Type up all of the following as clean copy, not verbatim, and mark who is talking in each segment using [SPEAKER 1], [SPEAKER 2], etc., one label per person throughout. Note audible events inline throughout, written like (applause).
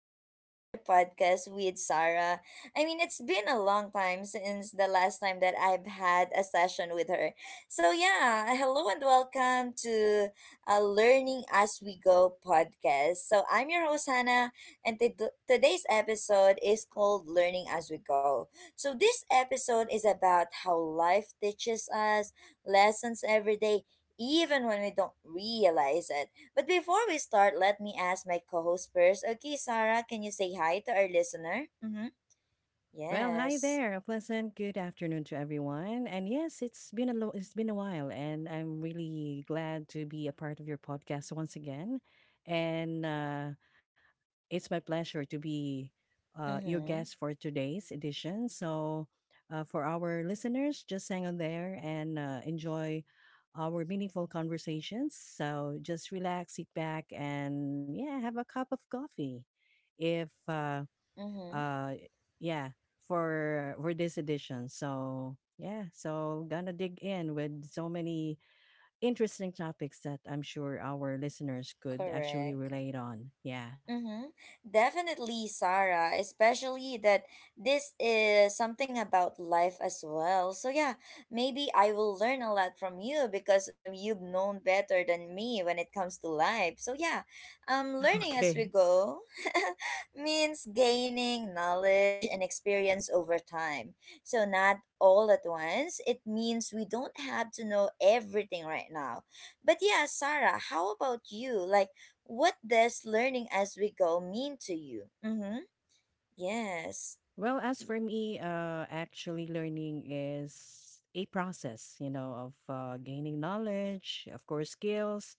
[SPEAKER 1] back to another podcast with Sarah. I mean, it's been a long time since the last time that I've had a session with her. So, yeah, hello and welcome to a Learning As We Go podcast. So, I'm your host, Hannah, and today's episode is called Learning As We Go. So, this episode is about how life teaches us lessons every day, even when we don't realize it. But before we start, let me ask my co host first. Okay, Sarah, can you say hi to our listener? Mm hmm.
[SPEAKER 2] Well, hi
[SPEAKER 1] Yes.
[SPEAKER 2] there. A pleasant good afternoon to everyone. And yes, it's been a while, and I'm really glad to be a part of your podcast once again. And it's my pleasure to be
[SPEAKER 1] Mm
[SPEAKER 2] your
[SPEAKER 1] hmm.
[SPEAKER 2] guest for today's edition. So, for our listeners, just hang on there and enjoy our meaningful conversations. So, just relax, sit back, and yeah, have a cup of coffee. If
[SPEAKER 1] Mm hmm.
[SPEAKER 2] uh yeah for this edition, so yeah, so gonna dig in with so many interesting topics that I'm sure our listeners could actually
[SPEAKER 1] Correct.
[SPEAKER 2] relate on, yeah.
[SPEAKER 1] Mm-hmm. Definitely, Sarah, especially that this is something about life as well. So, yeah, maybe I will learn a lot from you because you've known better than me when it comes to life. So, yeah,
[SPEAKER 2] (laughs)
[SPEAKER 1] learning as we
[SPEAKER 2] Okay.
[SPEAKER 1] go (laughs) means gaining knowledge and experience over time. So, not all at once. It means we don't have to know everything right now. But, yeah, Sarah, how about you? Like, what does learning as we go mean to you? Mm-hmm. Yes.
[SPEAKER 2] Well, as for me, actually learning is a process, you know, of gaining knowledge, of course, skills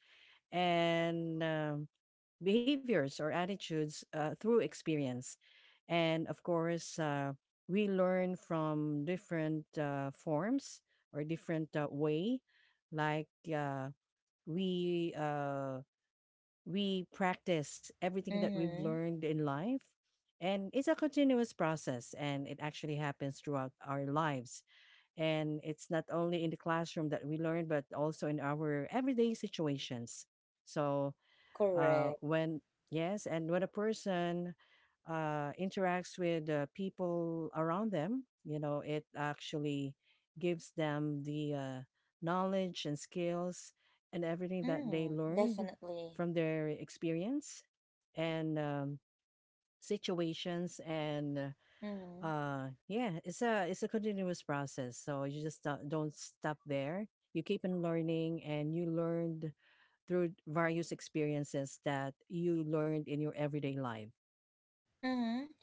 [SPEAKER 2] and behaviors or attitudes through experience. And of course, we learn from different forms or different way. Like uh, we uh, we practice everything that we've
[SPEAKER 1] Mm-hmm.
[SPEAKER 2] learned in life, and it's a continuous process. And it actually happens throughout our lives. And it's not only in the classroom that we learn, but also in our everyday situations. So
[SPEAKER 1] Correct.
[SPEAKER 2] when Yes, and when a person interacts with people around them, you know, it actually gives them the knowledge and skills and everything that they
[SPEAKER 1] Mm,
[SPEAKER 2] learned
[SPEAKER 1] definitely.
[SPEAKER 2] from their experience and situations and
[SPEAKER 1] Mm-hmm.
[SPEAKER 2] yeah, it's a continuous process, so you just don't stop there. You keep on learning and you learned through various experiences that you learned in your everyday life.
[SPEAKER 1] Mm-hmm.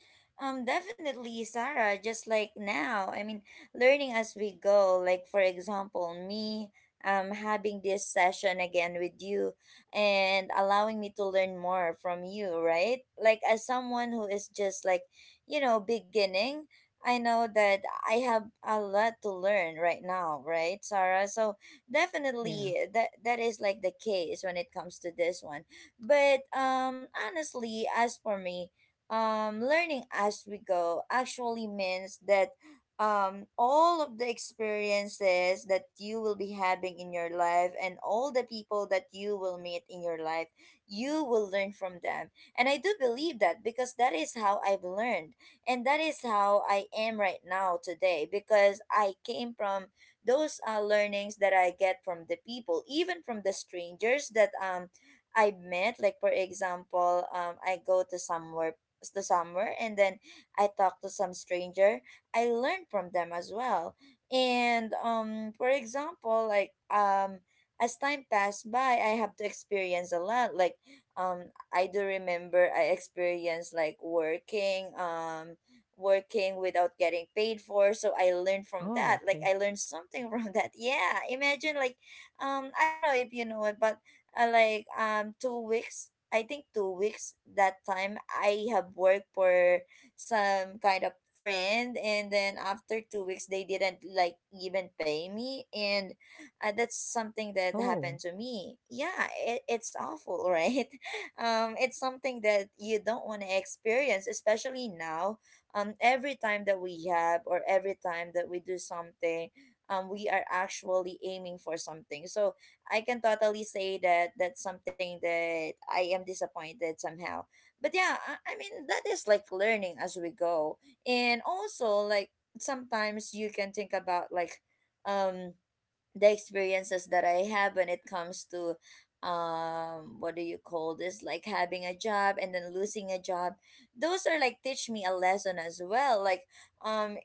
[SPEAKER 1] Definitely, Sarah, just like now. I mean, learning as we go. Like, for example, me having this session again with you and allowing me to learn more from you, right? Like, as someone who is just like, you know, beginning, I know that I have a lot to learn right now, right, Sarah? So,
[SPEAKER 2] Yeah.
[SPEAKER 1] definitely, that is like the case when it comes to this one. But honestly, as for me, learning as we go actually means that all of the experiences that you will be having in your life and all the people that you will meet in your life, you will learn from them. And I do believe that because that is how I've learned. And that is how I am right now today because I came from those learnings that I get from the people, even from the strangers that I met. Like, for example, I go to somewhere the summer, and then I talked to some stranger. I learned from them as well. And for example, like as time passed by, I have to experience a lot. Like I do remember I experienced like working working without getting paid for, so I learned from
[SPEAKER 2] Oh,
[SPEAKER 1] that. Like,
[SPEAKER 2] okay.
[SPEAKER 1] I learned something (laughs) from that. Yeah, imagine, like, I don't know if you know it, but like, 2 weeks, I think 2 weeks that time I have worked for some kind of friend, and then after 2 weeks they didn't like even pay me. And that's something that happened
[SPEAKER 2] Oh,
[SPEAKER 1] to me. Yeah, it's awful, (laughs) right? It's something that you don't want to experience, especially now. Every time that we have, or every time that we do something, we are actually aiming for something. So I can totally say that that's something that I am disappointed somehow. But yeah, I mean, that is like learning as we go. And also, like, sometimes you can think about, like, um the experiences that I have when it comes to what do you call this, like having a job and then losing a job. Those are like teach me a lesson as well. Like, um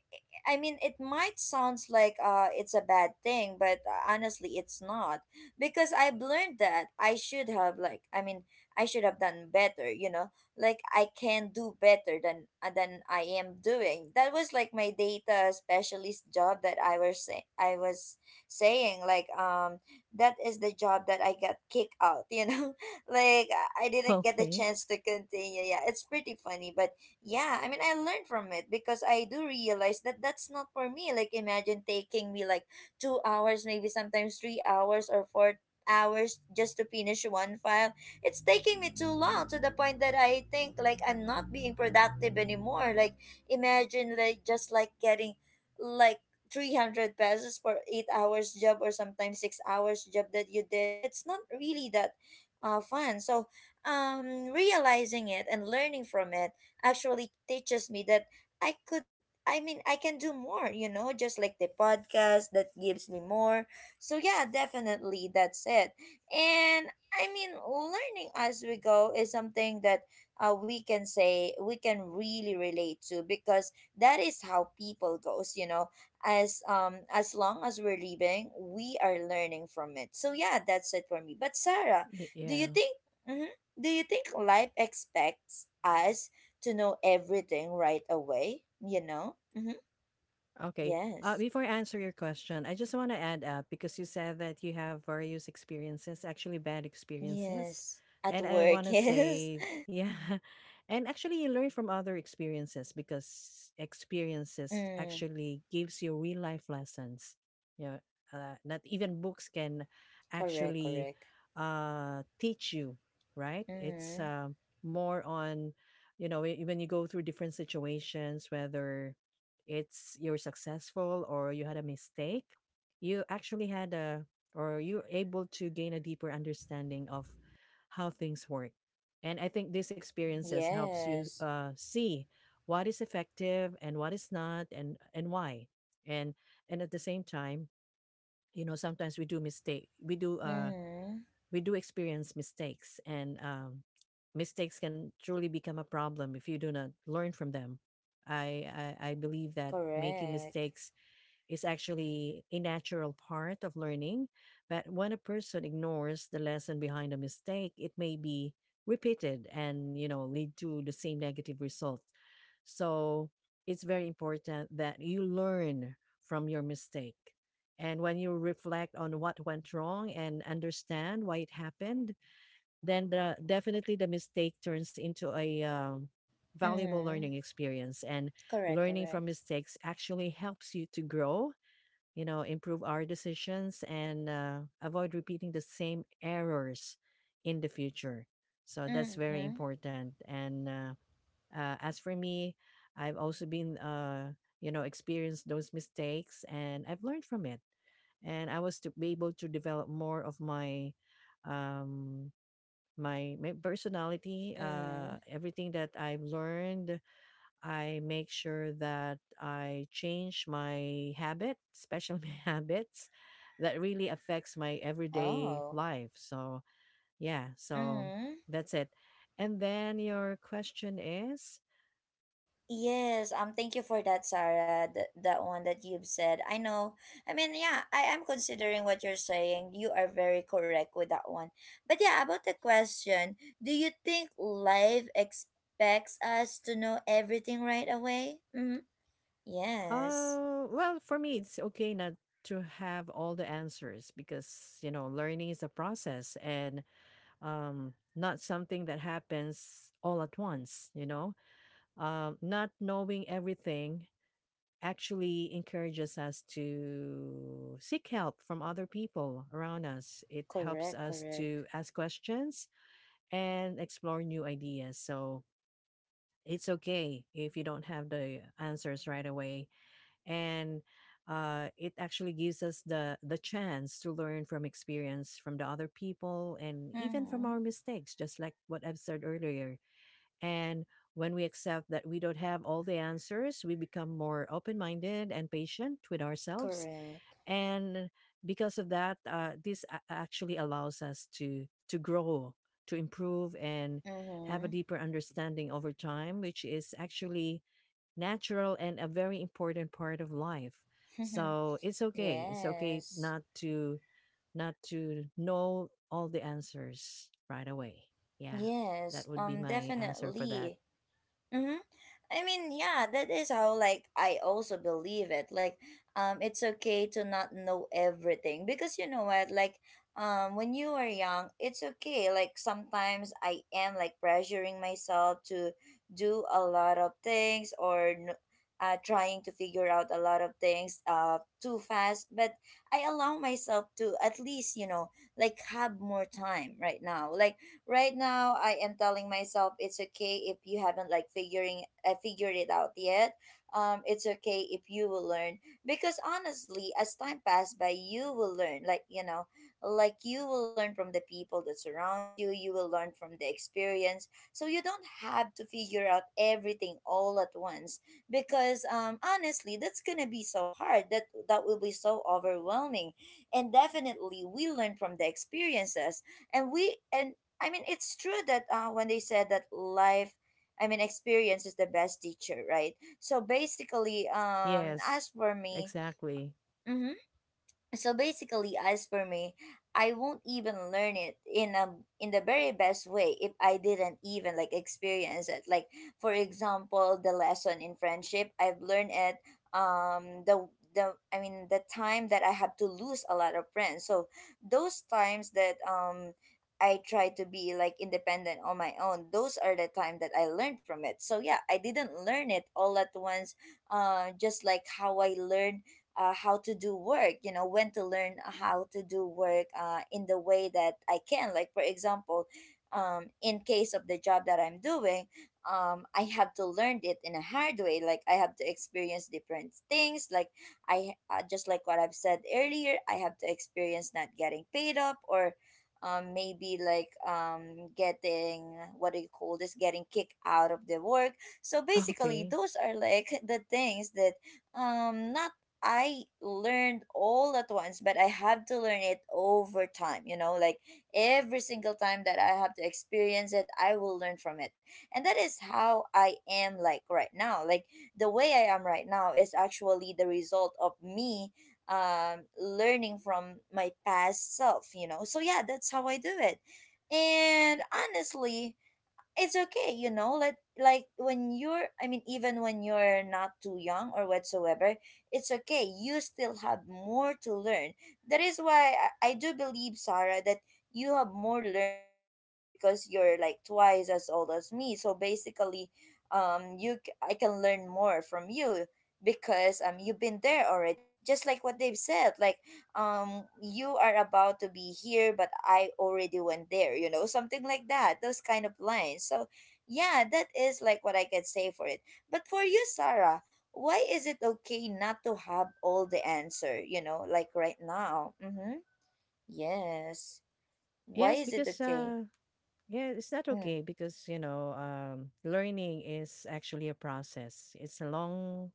[SPEAKER 1] I mean, it might sounds like it's a bad thing, but honestly, it's not, because I've learned that I should have, like, I mean, I should have done better. You know, like, I can do better than I am doing. That was like my data specialist job that I was say I was saying, like, that is the job that I got kicked out. You know, (laughs) like, I
[SPEAKER 2] (laughs)
[SPEAKER 1] didn't get the
[SPEAKER 2] okay.
[SPEAKER 1] chance to continue. Yeah, it's pretty funny, but yeah, I mean, I learned from it because I do realize that that's not for me. Like, imagine taking me like 2 hours, maybe sometimes 3 hours or 4 hours just to finish one file. It's taking me too long to the point that I think like I'm not being productive anymore. Like, imagine like just like getting like 300 pesos for 8 hours job, or sometimes 6 hours job that you did. It's not really that fun. So, realizing it and learning from it actually teaches me that I could, I mean, I can do more, you know, just like the podcast that gives me more. So yeah, definitely that's it. And I mean, learning as we go is something that we can say we can really relate to, because that is how people goes, you know. As long as we're living, we are learning from it. So yeah, that's it for me. But Sarah,
[SPEAKER 2] Y-
[SPEAKER 1] do you
[SPEAKER 2] yeah.
[SPEAKER 1] think mhm, do you think life expects us to know everything right away, you know? Mm-hmm.
[SPEAKER 2] Okay.
[SPEAKER 1] Yes.
[SPEAKER 2] Before I answer your question, I just want to add up because you said that you have various experiences, actually bad experiences.
[SPEAKER 1] Yes. At
[SPEAKER 2] And I
[SPEAKER 1] work, (laughs)
[SPEAKER 2] want to
[SPEAKER 1] yes.
[SPEAKER 2] say, yeah. (laughs) And actually, you learn from other experiences because experiences
[SPEAKER 1] Mm.
[SPEAKER 2] actually gives you real life lessons. Yeah. Not even books can
[SPEAKER 1] Correct,
[SPEAKER 2] actually
[SPEAKER 1] correct.
[SPEAKER 2] teach you, right? It's
[SPEAKER 1] Mm.
[SPEAKER 2] more on, you know, when you go through different situations, whether it's you're successful or you had a mistake, you actually had a or you're able to gain a deeper understanding of how things work. And I think these experiences helps you
[SPEAKER 1] Yes.
[SPEAKER 2] see what is effective and what is not, and why. And and at the same time, you know, sometimes we do mistake. We do uh
[SPEAKER 1] Mm.
[SPEAKER 2] we do experience mistakes, and mistakes can truly become a problem if you do not learn from them. I, I believe that making
[SPEAKER 1] Correct.
[SPEAKER 2] mistakes is actually a natural part of learning, but when a person ignores the lesson behind a mistake, it may be repeated and, you know, lead to the same negative result. So it's very important that you learn from your mistake. And when you reflect on what went wrong and understand why it happened, then definitely the mistake turns into a valuable
[SPEAKER 1] Mm.
[SPEAKER 2] learning experience. And
[SPEAKER 1] Correct,
[SPEAKER 2] learning from
[SPEAKER 1] correct.
[SPEAKER 2] mistakes actually helps you to grow, you know, improve our decisions and avoid repeating the same errors in the future. So that's very
[SPEAKER 1] Mm-hmm.
[SPEAKER 2] important. And As for me, I've also been, you know, experienced those mistakes and I've learned from it. And I was to be able to develop more of um, my personality,
[SPEAKER 1] Mm.
[SPEAKER 2] everything that I've learned. I make sure that I change my habit, especially (laughs) my habits that really affects my everyday
[SPEAKER 1] Oh.
[SPEAKER 2] life. So, yeah, so
[SPEAKER 1] Mm.
[SPEAKER 2] that's it. And then your question is,
[SPEAKER 1] Yes, thank you for that, Sarah. That one that you've said. I know. I mean, yeah, I am considering what you're saying. You are very correct with that one. But yeah, about the question, do you think life expects us to know everything right away? Mm-hmm. Yes.
[SPEAKER 2] well, for me, it's okay not to have all the answers because, you know, learning is a process and not something that happens all at once, you know? Not knowing everything actually encourages us to seek help from other people around us. It helps
[SPEAKER 1] Correct.
[SPEAKER 2] us
[SPEAKER 1] Correct.
[SPEAKER 2] to ask questions and explore new ideas. So it's okay if you don't have the answers right away. And it actually gives us the chance to learn from experience from the other people and even from
[SPEAKER 1] Mm-hmm.
[SPEAKER 2] our mistakes, just like what I've said earlier. And when we accept that we don't have all the answers, we become more open minded and patient with ourselves.
[SPEAKER 1] Correct.
[SPEAKER 2] And because of that, this actually allows us to grow, to improve, and have a
[SPEAKER 1] Mm-hmm.
[SPEAKER 2] deeper understanding over time, which is actually natural and a very important part of life.
[SPEAKER 1] (laughs)
[SPEAKER 2] So it's okay. It's okay
[SPEAKER 1] yes.
[SPEAKER 2] not to not to know all the answers right away. Yeah, that
[SPEAKER 1] Yes.
[SPEAKER 2] would be my answer for that.
[SPEAKER 1] Definitely. Mm-hmm. I mean, yeah, that is how like I also believe it. Like, it's okay to not know everything, because you know what, like, when you are young, it's okay. Like sometimes I am like pressuring myself to do a lot of things or trying to figure out a lot of things too fast. But I allow myself to at least, you know, like, have more time right now. Like, right now I am telling myself it's okay if you haven't like figuring figured it out yet. It's okay if you will learn, because honestly, as time passes by, you will learn. Like, you know, like, you will learn from the people that surrounds you. You will learn from the experience, so you don't have to figure out everything all at once. Because honestly, that's gonna be so hard. That will be so overwhelming, and definitely we learn from the experiences, and I mean, it's true that when they said that life, I mean, experience is the best teacher, right? So basically,
[SPEAKER 2] Yes,
[SPEAKER 1] as for me,
[SPEAKER 2] exactly.
[SPEAKER 1] mhm, so basically as for me, I won't even learn it in a, in the very best way if I didn't even like experience it. Like, for example, the lesson in friendship, I've learned it, um the the I mean the time that I have to lose a lot of friends. So those times that I try to be like independent on my own, those are the time that I learned from it. So yeah, I didn't learn it all at once, just like how I learned, how to do work, you know, when to learn how to do work in the way that I can. Like, for example, in case of the job that I'm doing, I have to learn it in a hard way. Like, I have to experience different things. Like, I just like what I've said earlier, I have to experience not getting paid up, or maybe like getting, what do you call this, getting kicked out of the work. So basically
[SPEAKER 2] Okay.
[SPEAKER 1] those are like (laughs) the things that not, I learned all at once, but I have to learn it over time, you know. Like, every single time that I have to experience it, I will learn from it. And that is how I am like right now. Like, the way I am right now is actually the result of me learning from my past self, you know. So yeah, that's how I do it. And honestly, it's okay, you know, like when you're, I mean even when you're not too young or whatsoever, it's okay, you still have more to learn. That is why I do believe, Sarah, that you have more learnings than mine, because you're like twice as old as me. So basically I can learn more from you, because you've been there already. Just like what they've said, like, you are about to be here, but I already went there, you know, something like that, those kind of lines. So yeah, that is like what I can say for it. But for you, Sarah, why is it okay not to have all the answer, you know, like right now? Mm-hmm. Yes. Why
[SPEAKER 2] Yes,
[SPEAKER 1] is it
[SPEAKER 2] because
[SPEAKER 1] okay?
[SPEAKER 2] yeah, it's not
[SPEAKER 1] Mm,
[SPEAKER 2] okay because you know, learning is actually a process. It's a long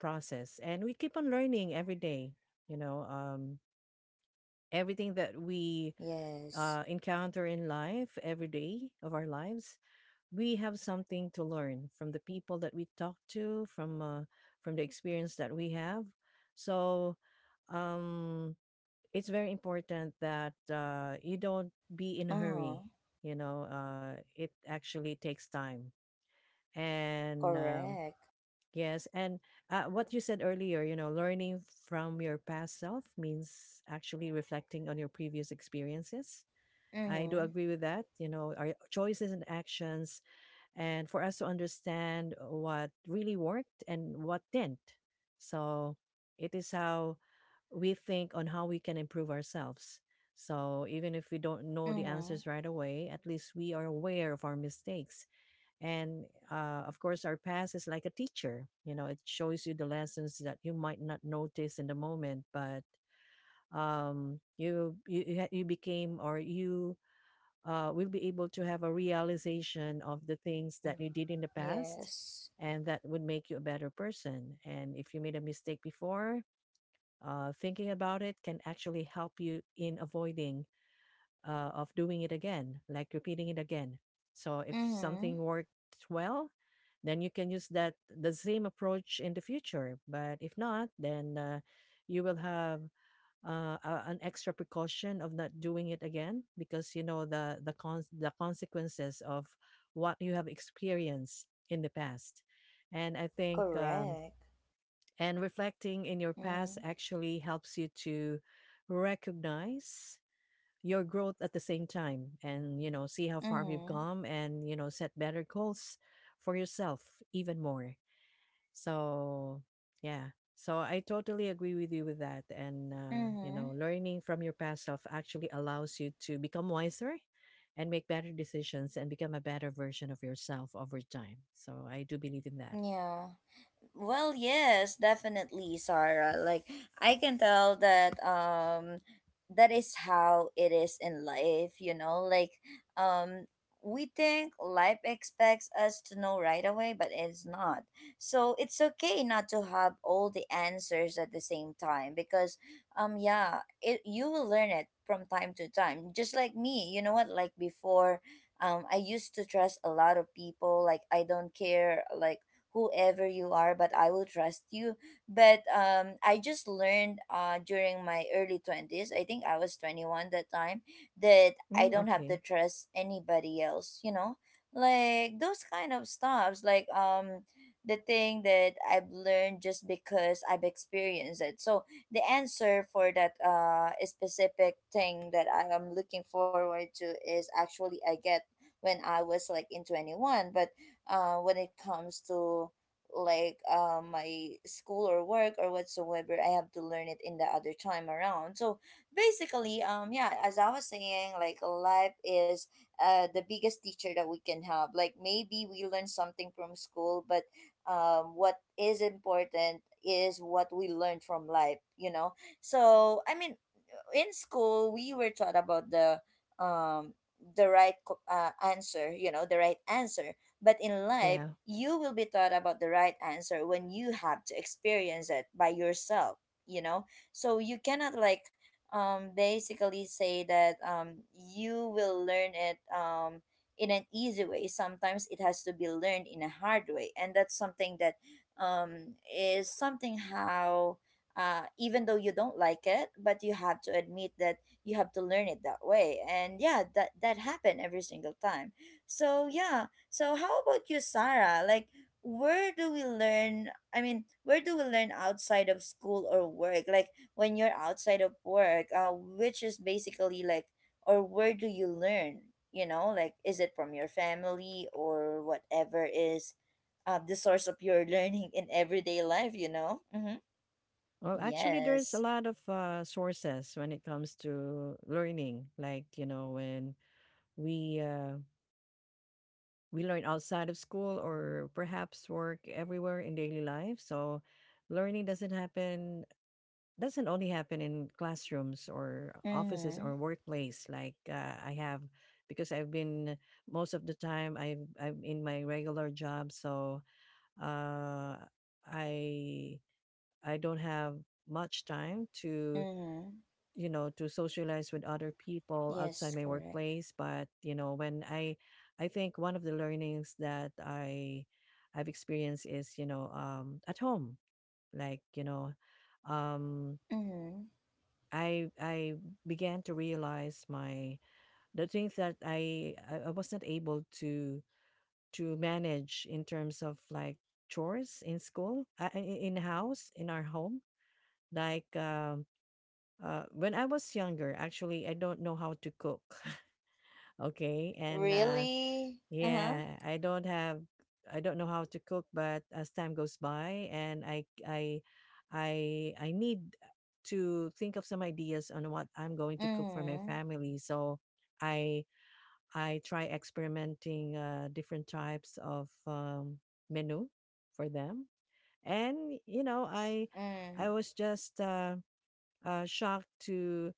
[SPEAKER 2] process and we keep on learning every day, you know, everything that we
[SPEAKER 1] yes.
[SPEAKER 2] encounter in life every day of our lives, we have something to learn from the people that we talk to, from the experience that we have. So um it's very important that you don't be in a hurry.
[SPEAKER 1] Uh-huh.
[SPEAKER 2] You know, it actually takes time. And
[SPEAKER 1] Correct.
[SPEAKER 2] Yes, and what you said earlier, you know, learning from your past self means actually reflecting on your previous experiences. I do
[SPEAKER 1] Mm-hmm.
[SPEAKER 2] agree with that. You know, our choices and actions, and for us to understand what really worked and what didn't. So it is how we think on how we can improve ourselves. So even if we don't know the
[SPEAKER 1] Mm-hmm.
[SPEAKER 2] answers right away, at least we are aware of our mistakes. And of course, our past is like a teacher. You know, it shows you the lessons that you might not notice in the moment, but you you became or you will be able to have a realization of the things that
[SPEAKER 1] Mm-hmm.
[SPEAKER 2] you did in the past,
[SPEAKER 1] Yes.
[SPEAKER 2] and that would make you a better person. And if you made a mistake before, thinking about it can actually help you in avoiding of doing it again, like repeating it again. So if
[SPEAKER 1] Mm-hmm.
[SPEAKER 2] something worked well, then you can use that the same approach in the future. But if not, then you will have an extra precaution of not doing it again because you know the consequences of what you have experienced in the past. And I think
[SPEAKER 1] Correct.
[SPEAKER 2] And reflecting in your past
[SPEAKER 1] Mm-hmm.
[SPEAKER 2] actually helps you to recognize your growth at the same time and, you know, see how far you've
[SPEAKER 1] Mm-hmm.
[SPEAKER 2] come and, you know, set better goals for yourself even more. So, yeah. So I totally agree with you with that. And, you
[SPEAKER 1] Mm-hmm.
[SPEAKER 2] know, learning from your past self actually allows you to become wiser and make better decisions and become a better version of yourself over time. So I do believe in that.
[SPEAKER 1] Yeah. Well, yes, definitely, Sarah. Like I can tell that that is how it is in life, you know? Like um we think life expects us to know right away, but it's not. So it's okay not to have all the answers at the same time because yeah, it you will learn it from time to time. Just like me, you know what? Like before, I used to trust a lot of people. Like I don't care. Like whoever you are, but I will trust you. But I just learned during my early 20s. I think I was 21 that time, that I
[SPEAKER 2] Mm,
[SPEAKER 1] don't have to
[SPEAKER 2] okay.
[SPEAKER 1] trust anybody else, you know? Like those kind of stuffs, like the thing that I've learned just because I've experienced it. So the answer for that specific thing that I am looking forward to is actually I get when I was like in 21. But when it comes to my school or work or whatsoever, I have to learn it in the other time around. So basically, yeah, as I was saying, like, life is the biggest teacher that we can have. Like, maybe we learn something from school, but what is important is what we learn from life, you know? So I mean, in school we were taught about um the right answer, you know, the right answer, but in life
[SPEAKER 2] Yeah.
[SPEAKER 1] you will be taught about the right answer when you have to experience it by yourself, you know? So you cannot basically say that you will learn it in an easy way. Sometimes it has to be learned in a hard way, and that's something that is something how even though you don't like it, but you have to admit that you have to learn it that way. And yeah, that happened every single time. So yeah. So how about you, Sarah? Like, where do we learn? I mean, where do we learn outside of school or work? Like, when you're outside of work, which is basically like, or where do you learn? You know, like, is it from your family or whatever is the source of your (laughs) learning in everyday life? You know. Mm-hmm.
[SPEAKER 2] Well, actually, there's a
[SPEAKER 1] Yes.
[SPEAKER 2] lot of sources when it comes to learning. Like you know, when we uh, we learn outside of school or perhaps work everywhere in daily life. So, learning doesn't happen doesn't only happen in classrooms or offices
[SPEAKER 1] Mm-hmm.
[SPEAKER 2] or workplace. I have, because I've been most of the time I'm in my regular job, so uh, I I don't have much time to
[SPEAKER 1] Mm-hmm.
[SPEAKER 2] you know to socialize with other people outside
[SPEAKER 1] Yes,
[SPEAKER 2] my
[SPEAKER 1] correct.
[SPEAKER 2] workplace, but you know when I think one of the learnings that I've experienced is you know at home, like you know, um
[SPEAKER 1] Mm-hmm.
[SPEAKER 2] i i began to realize my the things that I was not able to manage in terms of like chores in school in house in our home, like um when I was younger, actually, I don't know how to cook. Okay. And
[SPEAKER 1] Really? Uh-huh.
[SPEAKER 2] yeah, I don't have, I don't know how to cook, but as time goes by, and I need to think of some ideas on what I'm going to cook for my
[SPEAKER 1] Mm-hmm.
[SPEAKER 2] family. So I, I try experimenting different types of menu for them, and you know, I,
[SPEAKER 1] Mm.
[SPEAKER 2] I was just uh, uh, shocked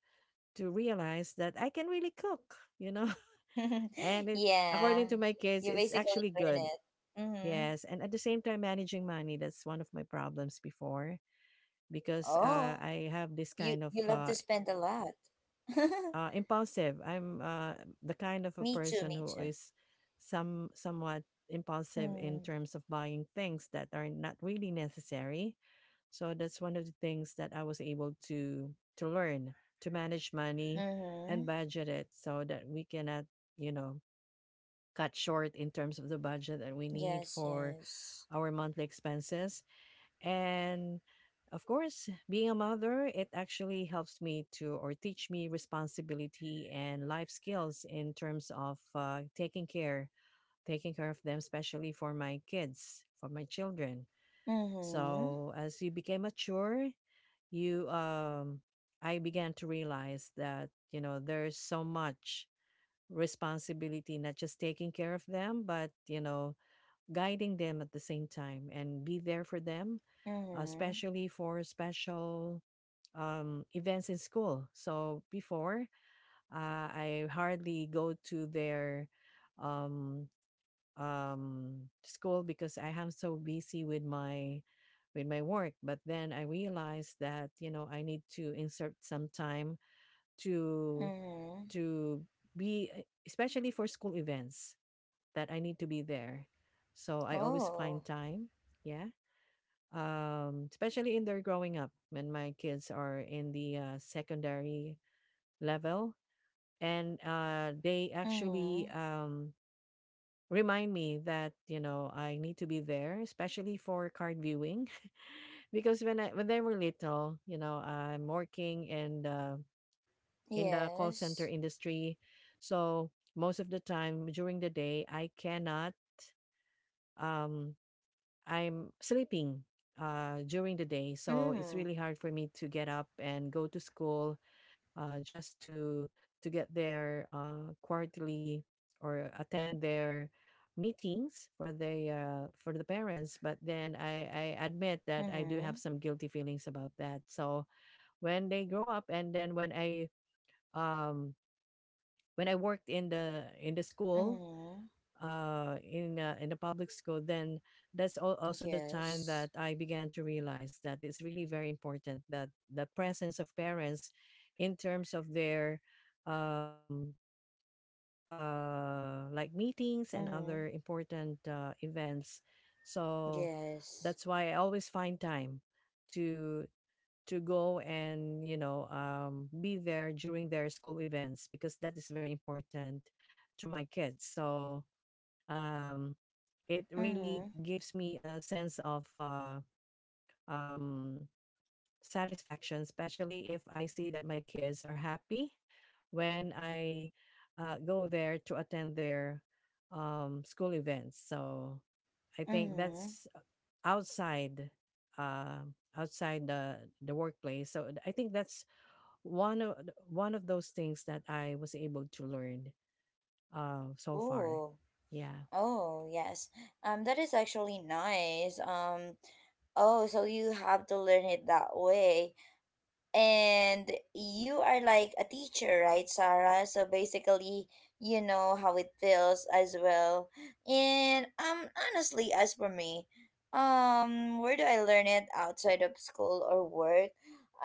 [SPEAKER 2] to realize that I can really cook. You know.
[SPEAKER 1] (laughs)
[SPEAKER 2] And it, according
[SPEAKER 1] Yeah.
[SPEAKER 2] to my kids,
[SPEAKER 1] You
[SPEAKER 2] it's
[SPEAKER 1] basically
[SPEAKER 2] actually
[SPEAKER 1] earn
[SPEAKER 2] good.
[SPEAKER 1] it. Mm-hmm.
[SPEAKER 2] Yes. And at the same time, managing money, that's one of my problems before because
[SPEAKER 1] Oh,
[SPEAKER 2] I have this
[SPEAKER 1] you
[SPEAKER 2] kind of
[SPEAKER 1] you love to spend a lot. (laughs)
[SPEAKER 2] impulsive. I'm the kind of a
[SPEAKER 1] Me too,
[SPEAKER 2] person
[SPEAKER 1] me
[SPEAKER 2] who
[SPEAKER 1] too.
[SPEAKER 2] is somewhat impulsive in
[SPEAKER 1] Mm.
[SPEAKER 2] terms of buying things that are not really necessary. So that's one of the things that I was able to learn to manage money
[SPEAKER 1] Mm-hmm.
[SPEAKER 2] and budget it so that we cannot, you know, cut short in terms of the budget that we need
[SPEAKER 1] Yes,
[SPEAKER 2] for
[SPEAKER 1] yes.
[SPEAKER 2] our monthly expenses. And of course, being a mother, it actually helps me to or teach me responsibility and life skills in terms of taking care of them, especially for my kids, for my children.
[SPEAKER 1] Mm-hmm.
[SPEAKER 2] So as you became mature, you I began to realize that you know there's so much responsibility, not just taking care of them, but you know guiding them at the same time and be there for them,
[SPEAKER 1] Mm-hmm.
[SPEAKER 2] especially for special events in school. So before, I hardly go to their um, school because I am so busy with my work. But then I realized that you know I need to insert some time to
[SPEAKER 1] Mm-hmm.
[SPEAKER 2] to be especially for school events that I need to be there. So I always find
[SPEAKER 1] Oh.
[SPEAKER 2] time. Yeah. Especially in their growing up when my kids are in the secondary level. And they actually
[SPEAKER 1] Mm-hmm.
[SPEAKER 2] remind me that, you know, I need to be there, especially for card viewing. (laughs) Because when they were little, you know, I'm working and in the call center
[SPEAKER 1] Yes.
[SPEAKER 2] industry. So most of the time during the day, I cannot um I'm sleeping during the day, so it's
[SPEAKER 1] Mm.
[SPEAKER 2] really hard for me to get up and go to school just to get their quarterly or attend their meetings for the parents. But then I admit that I do
[SPEAKER 1] Mm-hmm.
[SPEAKER 2] have some guilty feelings about that. So when they grow up, and then um, when I worked in the school
[SPEAKER 1] Mm-hmm.
[SPEAKER 2] in a public school, then that's also the
[SPEAKER 1] Yes.
[SPEAKER 2] time that I began to realize that it's really very important that the presence of parents, in terms of their um, like meetings and
[SPEAKER 1] Mm.
[SPEAKER 2] other important events. So
[SPEAKER 1] Yes.
[SPEAKER 2] that's why I always find time to to go and you know be there during their school events because that is very important to my kids. So um, it
[SPEAKER 1] Mm.
[SPEAKER 2] really gives me a sense of um, satisfaction, especially if I see that my kids are happy when I go there to attend their school events. So I think
[SPEAKER 1] Mm.
[SPEAKER 2] that's outside uh, outside the workplace. So I think that's one of one of those things that I was able to learn so far.
[SPEAKER 1] Oh.
[SPEAKER 2] Yeah.
[SPEAKER 1] Oh, yes. That is actually nice. Oh, so you have to learn it that way. And you are like a teacher, right, Sarah? So basically, you know how it feels as well. And honestly, as for me, where do I learn it outside of school or work?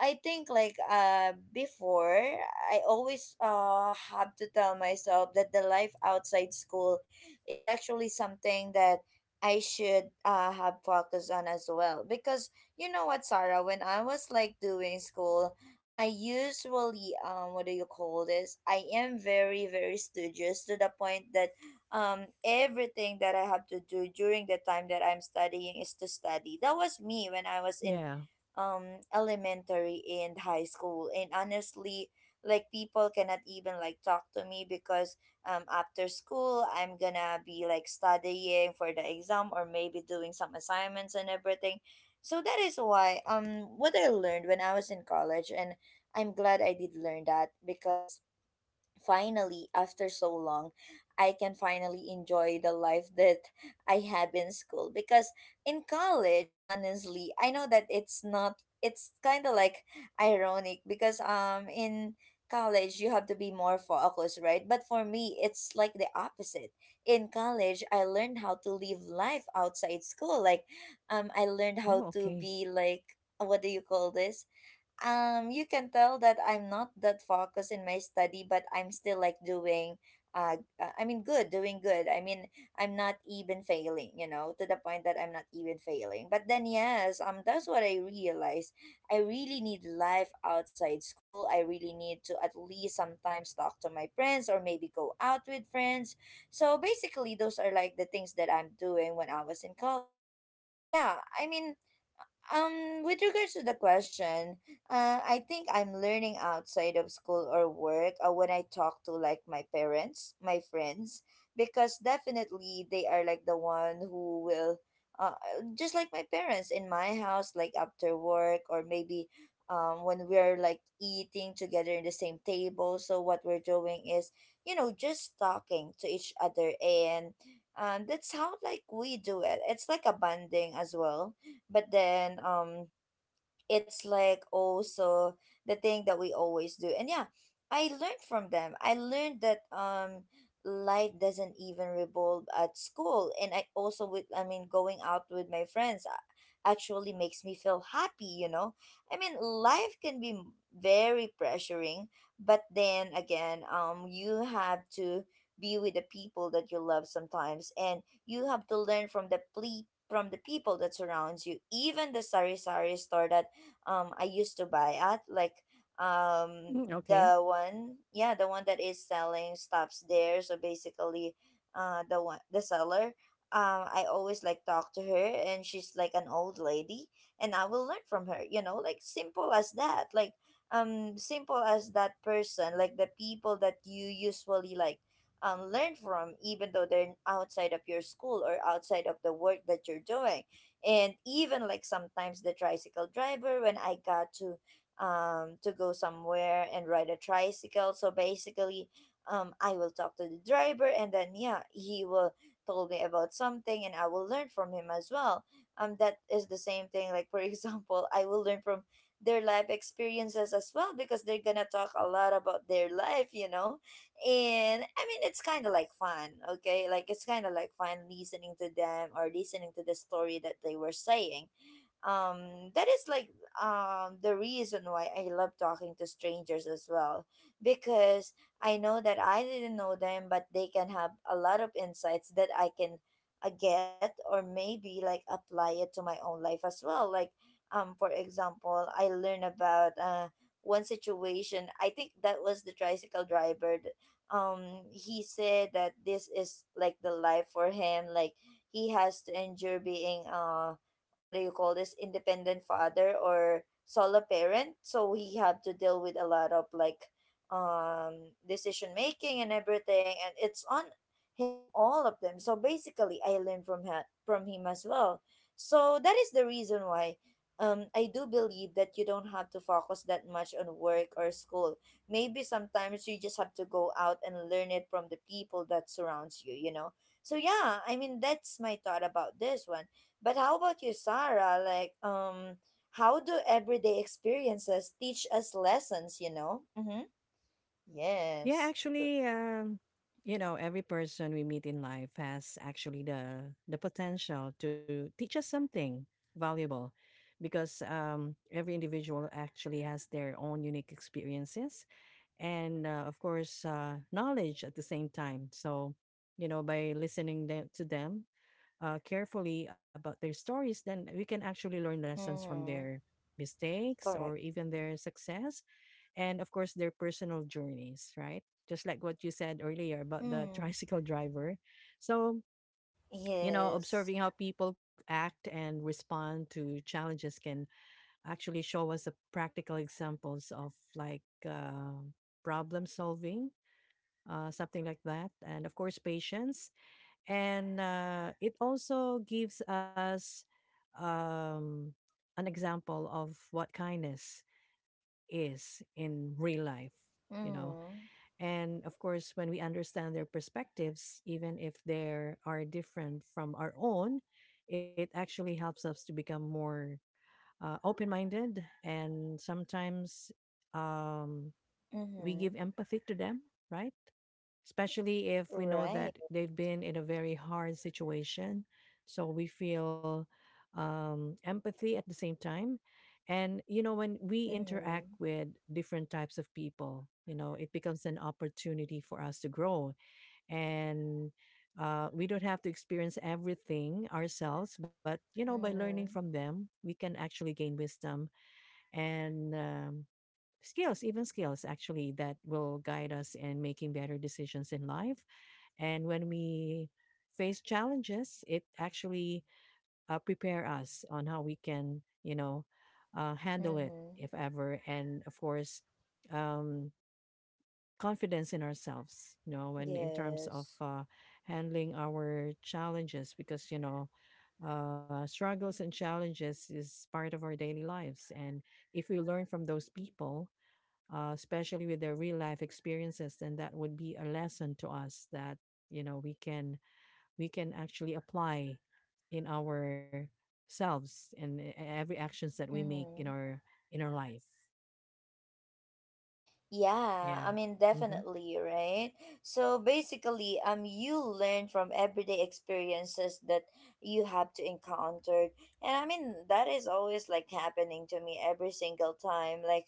[SPEAKER 1] I think, like, before, I always have to tell myself that the life outside school is actually something that I should have focus on as well, because you know what, Sarah? When I was like doing school, I usually what do you call this? I am very, very studious, to the point that everything that I have to do during the time that I'm studying is to study. That was me when I was in
[SPEAKER 2] Yeah.
[SPEAKER 1] elementary and high school. And honestly, like, people cannot even like talk to me because after school, I'm gonna be like studying for the exam or maybe doing some assignments and everything. So that is why, what I learned when I was in college, and I'm glad I did learn that, because finally, after so long, I can finally enjoy the life that I have in school. Because in college, honestly, I know that it's not, it's kind of like ironic because in college you have to be more focused, right? But for me, it's like the opposite. In college, I learned how to live life outside school. Like, I learned
[SPEAKER 2] Oh,
[SPEAKER 1] how to
[SPEAKER 2] okay.
[SPEAKER 1] be like, what do you call this? You can tell that I'm not that focused in my study, but I'm still like doing I mean good doing good, I mean, I'm not even failing, you know, to the point that I'm not even failing. But then, yes, that's what I realized. I really need life outside school. I really need to at least sometimes talk to my friends or maybe go out with friends. So basically, those are like the things that I'm doing when I was in college. But yeah, I mean, with regards to the question, I think I'm learning outside of school or work when I talk to like my parents, my friends, because definitely they are like the one who will, uh, just like my parents in my house, like after work or maybe, when we're like eating together in the same table. So what we're doing is, you know, just talking to each other, and, that's how like we do it. It's like a bonding as well. But then, it's like also the thing that we always do. And yeah, I learned from them. I learned that life doesn't even revolve at school. And I also, with I mean going out with my friends actually makes me feel happy, you know? I mean, life can be very pressuring, but then again, you have to be with the people that you love sometimes, and you have to learn from the from the people that surrounds you, even the sari sari store that I used to buy at, like um
[SPEAKER 2] Mm, okay.
[SPEAKER 1] the one, yeah, the one that is selling stops there. So basically, the one, the seller, I always like talk to her, and she's like an old lady, and I will learn from her, you know, like, simple as that. Like, simple as that person, like the people that you usually learn from, even though they're outside of your school or outside of the work that you're doing. And even like sometimes the tricycle driver, when I got to go somewhere and ride a tricycle. So basically, I will talk to the driver, and then yeah, he will told me about something, and I will learn from him as well. That is the same thing, like, for (laughs) example, I will learn from their life experiences as well, because they're gonna talk a lot about their life, you know? And I mean, it's kind of like fun. Okay, like, it's kind of like fun listening to them or listening to the story that they were saying. That is like the reason why I love talking to strangers as well, because I know that I didn't know them, but they can have a lot of insights that I can get or maybe like apply it to my own life as well. Like, for example, I learn about one situation. I think that was the tricycle driver. He said that this is like the life for him. Like, he has to endure being what do you call this, independent father or solo parent, so he have to deal with a lot of, like, decision making and everything, and it's on him, all of them. So basically, I learned from her, from him as well. So that is the reason why I do believe that you don't have to focus that much on work or school. Maybe sometimes you just have to go out and learn it from the people that surrounds you, you know? So yeah, I mean, that's my thought about this one. But how about you, Sarah? Like, how do everyday experiences teach us lessons, you know? Mm-hmm.
[SPEAKER 2] Yeah,
[SPEAKER 1] Yes. Uh,
[SPEAKER 2] actually, you know, every person we meet in life has actually the potential to teach us something valuable, because every individual actually has their own unique experiences and, of course, knowledge at the same time. So, you know, by to them carefully about their stories, then we can actually learn lessons from
[SPEAKER 1] mm-hmm.
[SPEAKER 2] their mistakes
[SPEAKER 1] Correct.
[SPEAKER 2] or even their success and of course their personal journeys, right? Just like what you said earlier about the (laughs)
[SPEAKER 1] Mm.
[SPEAKER 2] tricycle driver. So, you know,
[SPEAKER 1] Yes.
[SPEAKER 2] observing how people act and respond to challenges can actually show us a practical examples of like problem solving, something like that. And of course, patience. And it also gives us um, an example of what kindness is in real life, you know.
[SPEAKER 1] Mm.
[SPEAKER 2] And of course, when we understand their perspectives, even if they are different from our own, it actually helps us to become more open minded. And sometimes um, we
[SPEAKER 1] Mm-hmm.
[SPEAKER 2] give empathy to them, right? Especially if we know
[SPEAKER 1] Right.
[SPEAKER 2] that they've been in a very hard situation. So we feel empathy at the same time. And, you know, when we
[SPEAKER 1] Mm-hmm.
[SPEAKER 2] interact with different types of people, you know, it becomes an opportunity for us to grow. And we don't have to experience everything ourselves, but, you know, by learning from
[SPEAKER 1] Mm-hmm.
[SPEAKER 2] them, we can actually gain wisdom and skills, even skills actually, that will guide us in making better decisions in life. And when we face challenges, it actually prepare us on how we can, you know, handle it
[SPEAKER 1] Mm-hmm.
[SPEAKER 2] if ever. And of course, um, confidence in ourselves, you know, when in terms of
[SPEAKER 1] Yes.
[SPEAKER 2] handling our challenges, because, you know, struggles and challenges is part of our daily lives. And if we learn from those people, especially with their real life experiences, then that would be a lesson to us that you know we can actually apply in ourselves and every actions that we make in
[SPEAKER 1] Mm-hmm.
[SPEAKER 2] our life.
[SPEAKER 1] Yeah,
[SPEAKER 2] Yeah.
[SPEAKER 1] I mean,
[SPEAKER 2] Mm-hmm.
[SPEAKER 1] definitely, right? So basically, you learn from everyday experiences that you have to encounter. And I mean, that is always like happening to me every single time.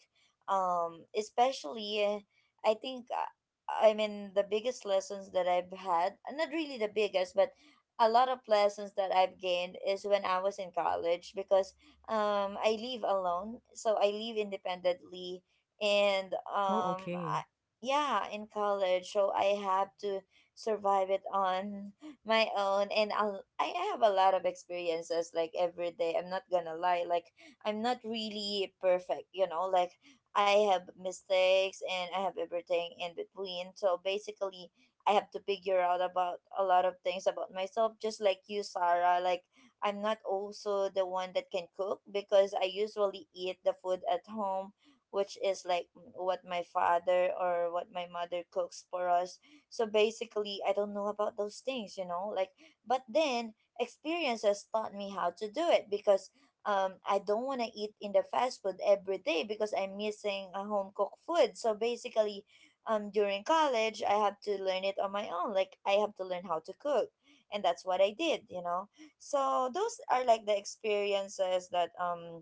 [SPEAKER 1] um, especially, uh, I think, uh, I mean, the biggest lessons that I've had, not really the biggest, but a lot of lessons that I've gained is when I was in college because I live alone. So I live independently and
[SPEAKER 2] Oh,
[SPEAKER 1] um
[SPEAKER 2] okay.
[SPEAKER 1] I, yeah in college, so I have to survive it on (laughs) my own. I have a lot of experiences like every day. I'm not gonna lie, like I'm not really perfect, you know, like I have mistakes and I have everything in between. So basically, I have to figure out about a lot of things about myself, just like you, Sarah. Like, I'm not also the one that can cook because I usually eat the food at home, which is like what my father or what my mother cooks for us. So basically, I don't know about those things, but then experiences taught me how to do it because I don't want to eat in the fast food every day because I'm missing a home cooked food. So basically, during college, I have to learn it on my own. Like, I have to learn how to cook. And that's what I did, you know? So those are like the experiences that um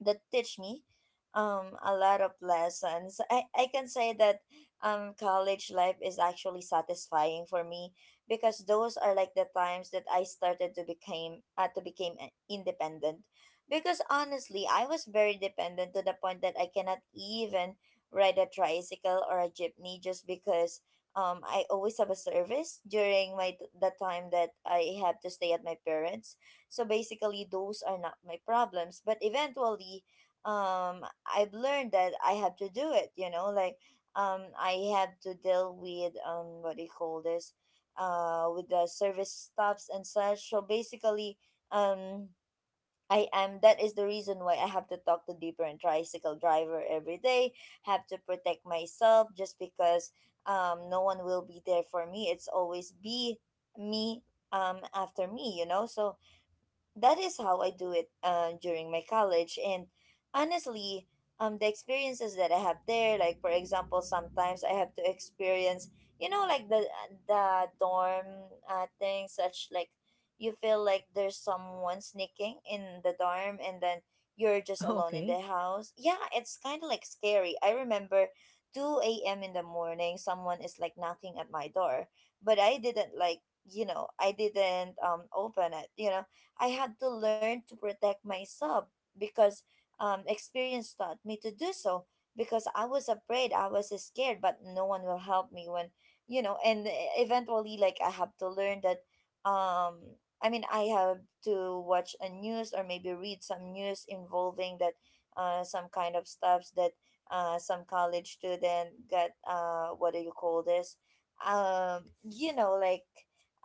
[SPEAKER 1] that teach me a lot of lessons. I can say that college life is actually satisfying for me, because those are like the times that I started to became independent. Because honestly, I was very dependent, to the point that I cannot even ride a tricycle or a jeepney, just because I always have a service during my the time that I have to stay at my parents. So basically, those are not my problems. But eventually, I've learned that I have to do it. You know, like I have to deal with, what do you call this? With the service stops and such. So basically, um, I am. That is the reason why I have to talk to different tricycle driver every day. Have to protect myself, just because no one will be there for me. It's always be me after me, you know. So that is how I do it during my college. And honestly, the experiences that I have there, like for example, sometimes I have to experience, you know, like the dorm thing, such like you feel like there's someone sneaking in the dorm, and then you're
[SPEAKER 2] (laughs) Oh,
[SPEAKER 1] just alone
[SPEAKER 2] okay.
[SPEAKER 1] in the house. Yeah, it's kind of like scary. I remember. 2 a.m. in the morning, someone is like knocking at my door, but I didn't like, you know, I didn't open it, you know. I had to learn to protect myself because experience taught me to do so. Because I was afraid, I was scared, but no one will help me when, you know, and e, eventually, like, I have to learn that, um, I have to watch a news, or maybe read some news involving that, some kind of stuffs that, some college student got, what do you call this? Um, you know, like,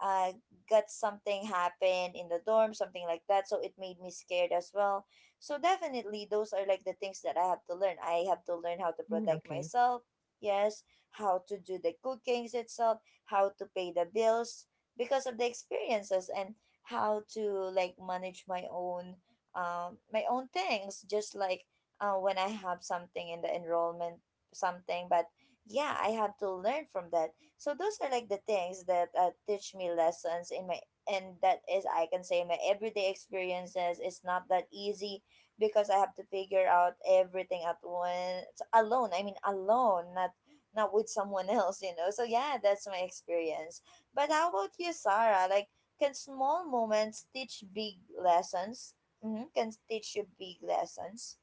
[SPEAKER 1] uh, got something happen in the dorm, something like that. So it made me scared as well. So definitely those are like the things that I have to learn. I have to learn how to
[SPEAKER 2] Mm,
[SPEAKER 1] protect
[SPEAKER 2] okay.
[SPEAKER 1] myself. Yes, how to do the cookings itself, how to pay the bills, because of the experiences, and how to like manage my own things, just like when I have something in the enrollment something but yeah, I have to learn from that. So those are like the things that teach me lessons in my and that is, I can say, my everyday experiences is not that easy, because I have to figure out everything at once alone. I mean alone, not not with someone else, you know. So yeah, that's my experience. But how about you, Sarah? Like, can small moments teach big lessons? Mm-hmm. Can teach you big lessons?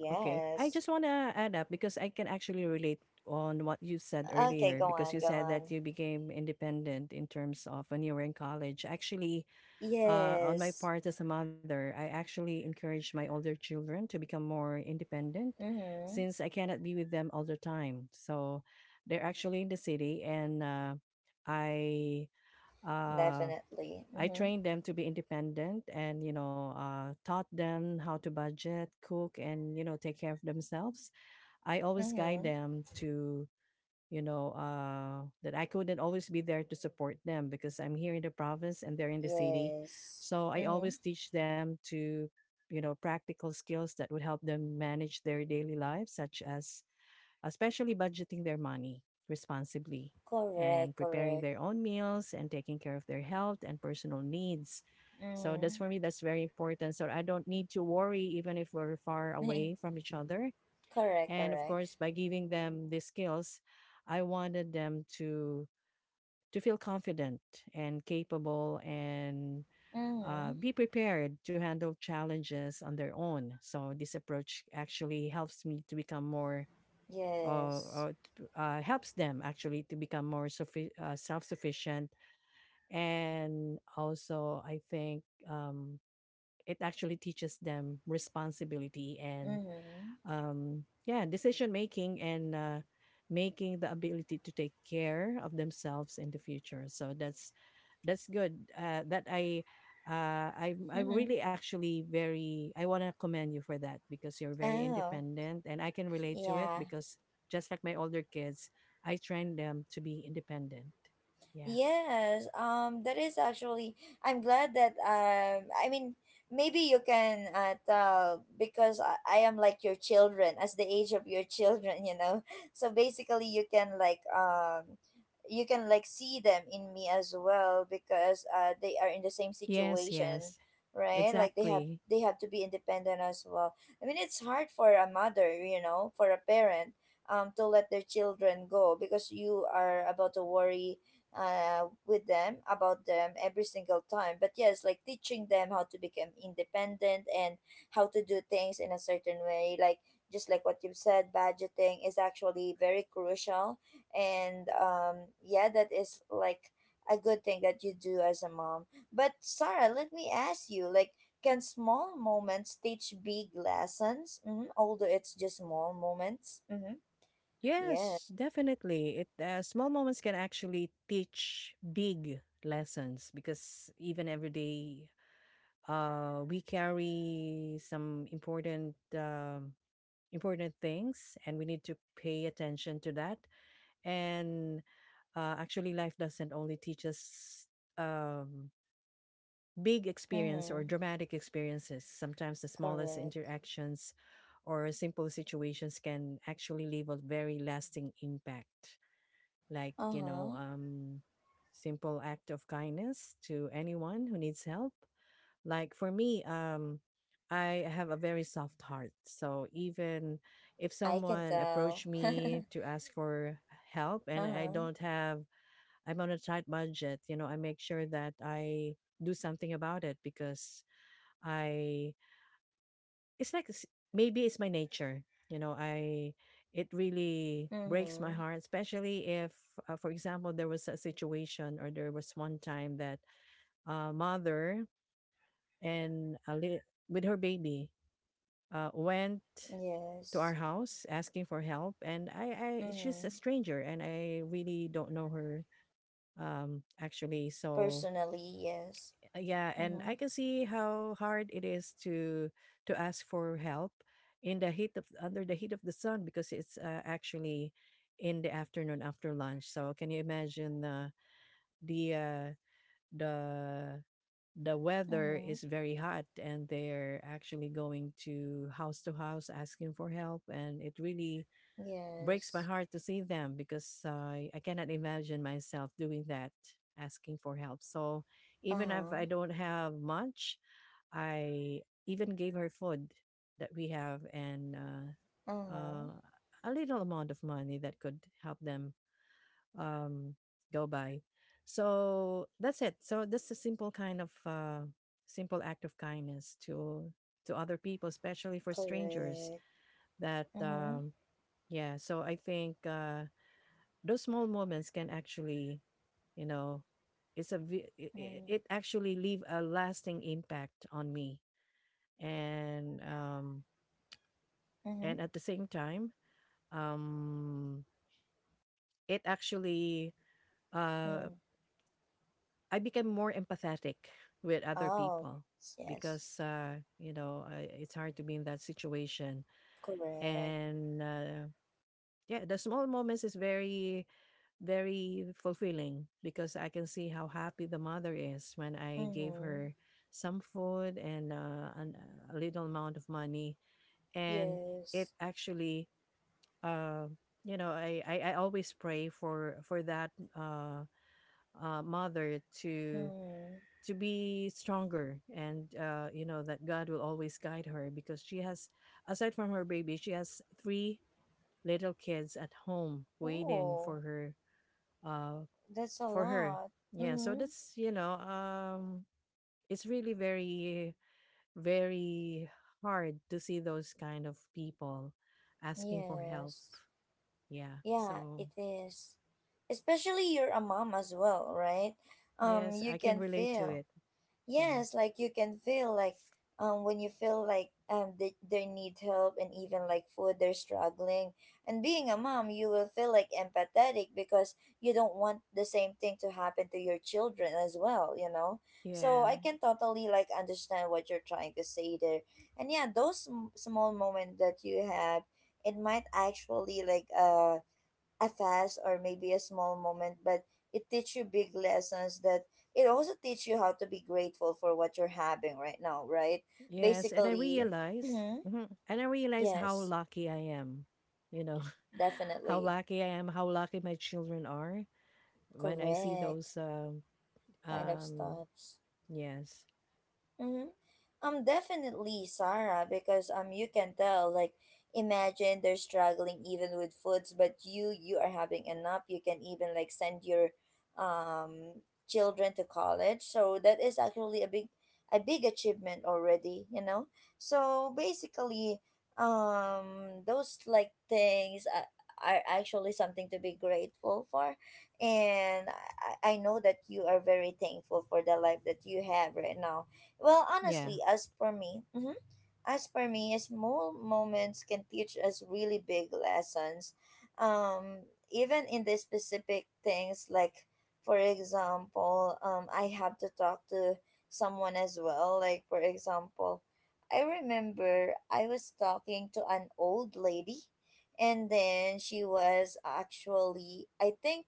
[SPEAKER 2] Okay. I just want to add up because I can actually relate on what you said
[SPEAKER 1] Okay,
[SPEAKER 2] earlier
[SPEAKER 1] go
[SPEAKER 2] because
[SPEAKER 1] on,
[SPEAKER 2] you
[SPEAKER 1] go
[SPEAKER 2] said that
[SPEAKER 1] on.
[SPEAKER 2] you became independent in terms of when you were in college. Actually, on my
[SPEAKER 1] Yes.
[SPEAKER 2] part as a mother, I actually encourage my older children to become more independent
[SPEAKER 1] Mm-hmm.
[SPEAKER 2] since I cannot be with them all the time. So they're actually in the city, and I uh,
[SPEAKER 1] Definitely.
[SPEAKER 2] I
[SPEAKER 1] Mhm.
[SPEAKER 2] trained them to be independent and you know taught them how to budget, cook and you know take care of themselves. I always guide
[SPEAKER 1] Mhm.
[SPEAKER 2] them to you know, that I couldn't always be there to support them because I'm here in the province and they're in the city.
[SPEAKER 1] Yes.
[SPEAKER 2] So I
[SPEAKER 1] Mhm.
[SPEAKER 2] always teach them to, you know, practical skills that would help them manage their daily lives, such as especially budgeting their money responsibly and
[SPEAKER 1] Correct,
[SPEAKER 2] preparing
[SPEAKER 1] correct.
[SPEAKER 2] their own meals and taking care of their health and personal needs. So that's
[SPEAKER 1] Mhm.
[SPEAKER 2] for me, that's very important. So I don't need to worry even if we're far away
[SPEAKER 1] (laughs)
[SPEAKER 2] from each other.
[SPEAKER 1] Correct,
[SPEAKER 2] And of
[SPEAKER 1] correct.
[SPEAKER 2] course, by giving them these skills, I wanted them to feel confident and capable and
[SPEAKER 1] Mhm.
[SPEAKER 2] be prepared to handle challenges on their own. So this approach actually helps me to become more,
[SPEAKER 1] Yes.
[SPEAKER 2] helps them actually to become more self-sufficient, and also I think um, it actually teaches them responsibility and
[SPEAKER 1] Mhm.
[SPEAKER 2] yeah, decision making and making the ability to take care of themselves in the future. So that's good. That I
[SPEAKER 1] Mhm.
[SPEAKER 2] really
[SPEAKER 1] (laughs)
[SPEAKER 2] actually very I want to commend you for that because you're very
[SPEAKER 1] Oh,
[SPEAKER 2] independent and I can relate to it
[SPEAKER 1] yeah.
[SPEAKER 2] because just like my older kids, I train them to be independent. Yeah.
[SPEAKER 1] Yes, that is actually. I'm glad that, maybe you can tell, because I am like your children, as the age of your (laughs) children, you know. (laughs) So basically, you can like see them in me as well, because they are in the same
[SPEAKER 2] Yes.
[SPEAKER 1] situation,
[SPEAKER 2] Yes.
[SPEAKER 1] right? Like they have
[SPEAKER 2] Exactly.
[SPEAKER 1] they have to be independent as well. I mean, it's hard for a mother, you know, for a parent, to let their children go, because you are about to worry with them about them every single time. But yes, like teaching them how to become independent and how to do things in a certain way, like just like what you've said, budgeting is actually very crucial. And yeah, that is like a good thing that you do as a mom. But Sarah, let me ask you, like, can small moments teach big lessons? Mm-hmm. Although it's just small moments. Mm-hmm. Yeah.
[SPEAKER 2] Yes, definitely. It Small moments can actually teach big lessons because even every day, we carry some important important things, and we need to pay attention to that. And actually, life doesn't only teach us um, big experience or
[SPEAKER 1] Mm-hmm.
[SPEAKER 2] dramatic experiences. Sometimes the smallest
[SPEAKER 1] Correct.
[SPEAKER 2] interactions or simple situations can actually leave a very lasting impact like
[SPEAKER 1] Uh
[SPEAKER 2] you know
[SPEAKER 1] huh.
[SPEAKER 2] simple act of kindness to anyone who needs help. Like for me, I have a very soft heart, so even if
[SPEAKER 1] I can
[SPEAKER 2] someone
[SPEAKER 1] tell.
[SPEAKER 2] approached
[SPEAKER 1] (laughs) Uh-huh.
[SPEAKER 2] me to ask for help and I don't have, I'm on a tight budget, you know, I make sure that I do something about it because I it's like s- maybe it's my nature, you know. I It really breaks my
[SPEAKER 1] Mm-hmm.
[SPEAKER 2] heart, especially if, for example, there was a situation or there was one time that a mother and with her baby went to
[SPEAKER 1] Yes.
[SPEAKER 2] our house asking for help, and I it's just a
[SPEAKER 1] Mm-hmm.
[SPEAKER 2] stranger and I really don't know her, actually. So
[SPEAKER 1] Personally, yes.
[SPEAKER 2] Yeah, and
[SPEAKER 1] Mm-hmm.
[SPEAKER 2] I can see how hard it is to ask for help in the heat of under the heat of the sun because it's actually in the afternoon after lunch. So can you imagine the uh, the the weather
[SPEAKER 1] Mm-hmm.
[SPEAKER 2] is very hot and they're actually going to house asking for help, and it really breaks my
[SPEAKER 1] Yes.
[SPEAKER 2] heart to see them because I cannot imagine myself doing that, asking for help. So even if
[SPEAKER 1] Uh-huh.
[SPEAKER 2] I don't have much, I even gave her food that we have, and
[SPEAKER 1] Uh-huh.
[SPEAKER 2] uh, a little amount of money that could help them um, go by. So that's it. So that's a simple kind of simple act of kindness to other people, especially for strangers.
[SPEAKER 1] Correct.
[SPEAKER 2] That
[SPEAKER 1] Mm-hmm.
[SPEAKER 2] Yeah. So I think those small moments can actually, you know, it's a vi- I-
[SPEAKER 1] Mm-hmm.
[SPEAKER 2] it actually leave a lasting impact on me, and um
[SPEAKER 1] Mm-hmm.
[SPEAKER 2] and at the same time, um, it actually uh,
[SPEAKER 1] Mm.
[SPEAKER 2] I became more empathetic with other
[SPEAKER 1] Oh,
[SPEAKER 2] people
[SPEAKER 1] yes.
[SPEAKER 2] because you know it's hard to be in that situation.
[SPEAKER 1] Correct.
[SPEAKER 2] And yeah, the small moments is very very fulfilling because I can see how happy the mother is when I gave
[SPEAKER 1] Mm-hmm.
[SPEAKER 2] her some food and a little amount of money, and it
[SPEAKER 1] Yes.
[SPEAKER 2] actually um you know, I always pray for that uh mother to
[SPEAKER 1] Mm-hmm.
[SPEAKER 2] be stronger, and you know that God will always guide her because she has, aside from her baby, she has three little kids at home waiting
[SPEAKER 1] Oh,
[SPEAKER 2] for her uh
[SPEAKER 1] that's a
[SPEAKER 2] for her.
[SPEAKER 1] lot.
[SPEAKER 2] Yeah, so
[SPEAKER 1] Mm-hmm.
[SPEAKER 2] that's, you know, it's really very very hard to see those kind of people asking for help.
[SPEAKER 1] Yes.
[SPEAKER 2] Yeah,
[SPEAKER 1] Yeah,
[SPEAKER 2] so
[SPEAKER 1] it is. Especially you're a mom as well, right?
[SPEAKER 2] Yes,
[SPEAKER 1] You
[SPEAKER 2] I can
[SPEAKER 1] can
[SPEAKER 2] relate to
[SPEAKER 1] feel.
[SPEAKER 2] it. Yeah.
[SPEAKER 1] Yes, like you can feel like when you feel like they need help, and even like food, they're struggling. And being a mom, you will feel like empathetic, because you don't want the same thing to happen to your children as well, you know? So
[SPEAKER 2] Yeah.
[SPEAKER 1] I can totally like understand what you're trying to say there. And yeah, those small moments that you have, it might actually like a fast or maybe a small moment, but it teach you big lessons. That it also teach you how to be grateful for what you're having right now, right?
[SPEAKER 2] Yes, and I
[SPEAKER 1] Basically, (clears throat)
[SPEAKER 2] realize,
[SPEAKER 1] mhm,
[SPEAKER 2] mhm, and I realize how
[SPEAKER 1] yes,
[SPEAKER 2] lucky I am. You know, (laughs) how
[SPEAKER 1] definitely.
[SPEAKER 2] lucky I am, how lucky my children are when I see
[SPEAKER 1] Correct.
[SPEAKER 2] those
[SPEAKER 1] Kind of
[SPEAKER 2] um
[SPEAKER 1] stops.
[SPEAKER 2] yes.
[SPEAKER 1] Definitely, Sarah, because you can tell. Like, imagine they're struggling even with foods, but you are having enough. You can even like send your children to college. So that is actually a big achievement already, you know. So basically, those like are actually something to be grateful for, and I know that you are very thankful for the life that you have right now. Well,
[SPEAKER 2] Yeah.
[SPEAKER 1] honestly, as for me, mhm, as for me, small moments can teach us really big lessons. Even in the specific things, like for example, I have to talk to someone as well. Like for example, I remember I was talking to an old lady, and then she was actually, I think,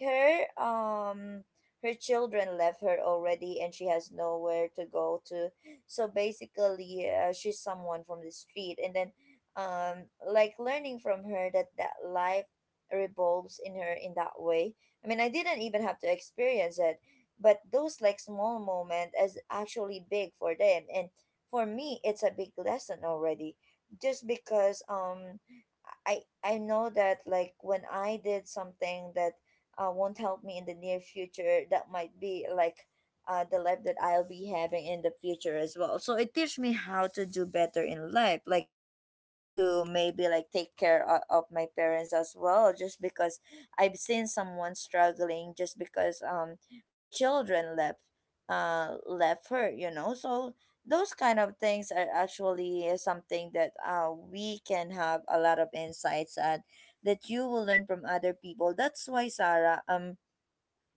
[SPEAKER 1] her her children left her already, and she has nowhere to go to. So basically, she's someone from the street, and then, like learning from her that life revolves in her in that way. I mean, I didn't even have to experience it, but those like small moment is actually big for them, and for me, it's a big lesson already. Just because, I know that, like, when I did something that won't help me in the near future, that might be like the life that I'll be having in the future as well. So it teaches me how to do better in life, like how to maybe like take care of my parents as well. Just because I've seen someone struggling, just because her children left her, you know. So those kind of things are actually something that we can have a lot of insights at, that you will learn from other people. That's why Sarah,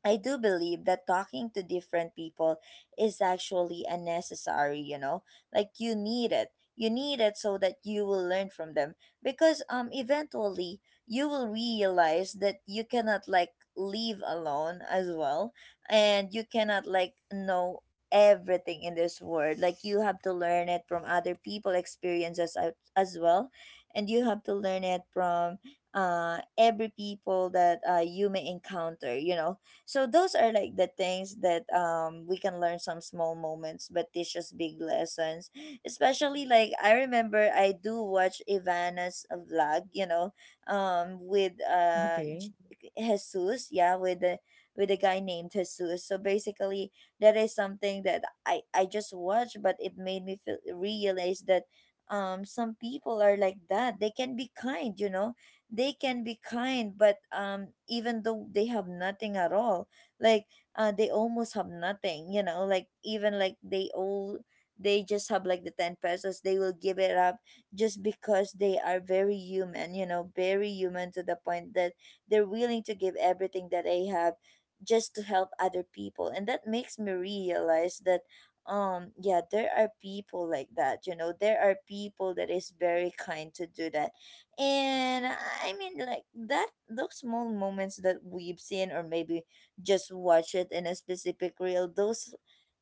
[SPEAKER 1] I do believe that talking to different people is actually a necessary, you know? Like, you need it. You need it, so that you will learn from them, because eventually you will realize that you cannot like live alone as well, and you cannot like know everything in this world. Like, you have to learn it from other people experiences as well, and you have to learn it from every people that you may encounter, you know. So those are like the things that we can learn some small moments but teach us big lessons. Especially like I remember I do watch Ivana's vlog, you know, with
[SPEAKER 2] Okay.
[SPEAKER 1] Jesus, yeah, with the with a guy named Jesus. So basically, that is something that I just watched, but it made me feel realize that some people are like that. They can be kind, you know, they can be kind, but even though they have nothing at all, like they almost have nothing, you know, like even like they just have like the 10 pesos, they will give it up, just because they are very human, you know, very human, to the point that they're willing to give everything that they have, just to help other people. And that makes me realize that yeah, there are people like that, you know, there are people that is very kind to do that. And I mean, like that, those small moments that we've seen, or maybe just watch it in a specific reel.